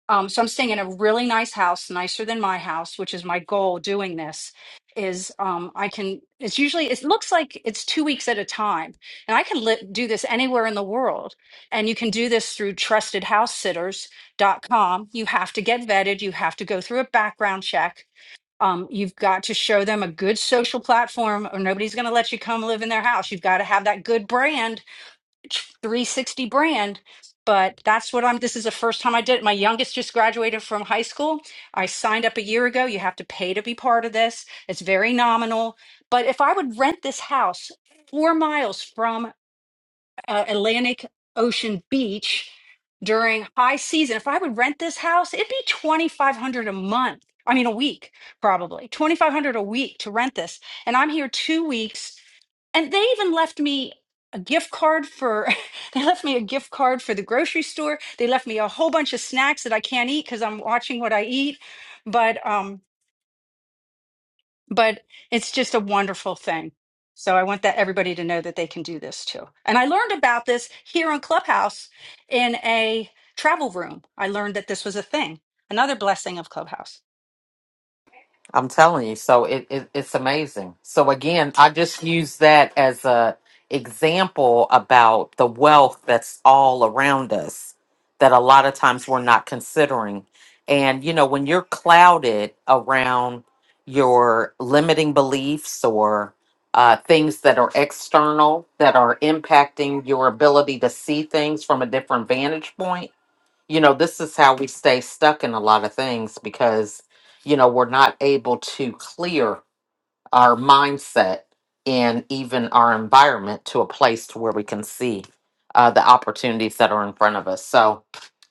C: Um, so I'm staying in a really nice house, nicer than my house, which is my goal doing this is um I can it's usually it looks like it's 2 weeks at a time and I can li- do this anywhere in the world and you can do this through trustedhousesitters.com you have to get vetted you have to go through a background check um you've got to show them a good social platform or nobody's going to let you come live in their house you've got to have that good brand 360 brand but that's what i'm this is the first time i did it my youngest just graduated from high school i signed up a year ago you have to pay to be part of this it's very nominal but if i would rent this house four miles from uh, Atlantic Ocean beach during high season. If I would rent this house, it'd be 2500 a month. I mean a week probably. 2500 a week to rent this. And I'm here 2 weeks and they even left me a gift card for they left me a gift card for the grocery store. They left me a whole bunch of snacks that I can't eat cuz I'm watching what I eat. But um but it's just a wonderful thing. So I want that everybody to know that they can do this too. And I learned about this here on Clubhouse in a travel room. I learned that this was a thing. Another blessing of Clubhouse.
A: I'm telling you, so it, it it's amazing. So again, I just use that as a example about the wealth that's all around us that a lot of times we're not considering. And you know, when you're clouded around your limiting beliefs or uh, things that are external that are impacting your ability to see things from a different vantage point you know, this is how we stay stuck in a lot of things because, you know, we're not able to clear our mindset and even our environment to a place to where we can see uh, the opportunities that are in front of us. So,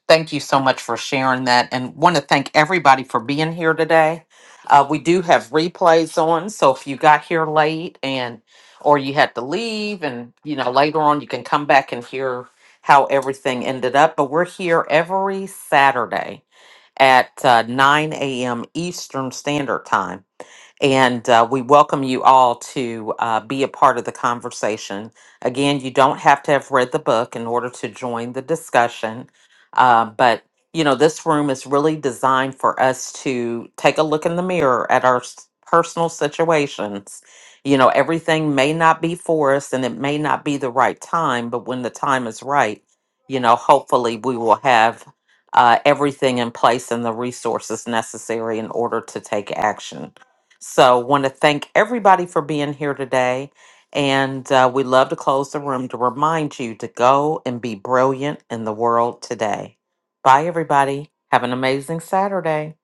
A: Thank you so much for sharing that and want to thank everybody for being here today. Uh, we do have replays on, so if you got here late and or you had to leave and you know later on you can come back and hear how everything ended up. But we're here every Saturday at uh, 9 a.m. Eastern Standard Time and uh, we welcome you all to uh, be a part of the conversation. Again, you don't have to have read the book in order to join the discussion. Uh, but, you know, this room is really designed for us to take a look in the mirror at our s- personal situations. You know, everything may not be for us and it may not be the right time, but when the time is right, you know, hopefully we will have uh, everything in place and the resources necessary in order to take action. So, want to thank everybody for being here today. And uh, we love to close the room to remind you to go and be brilliant in the world today. Bye, everybody. Have an amazing Saturday.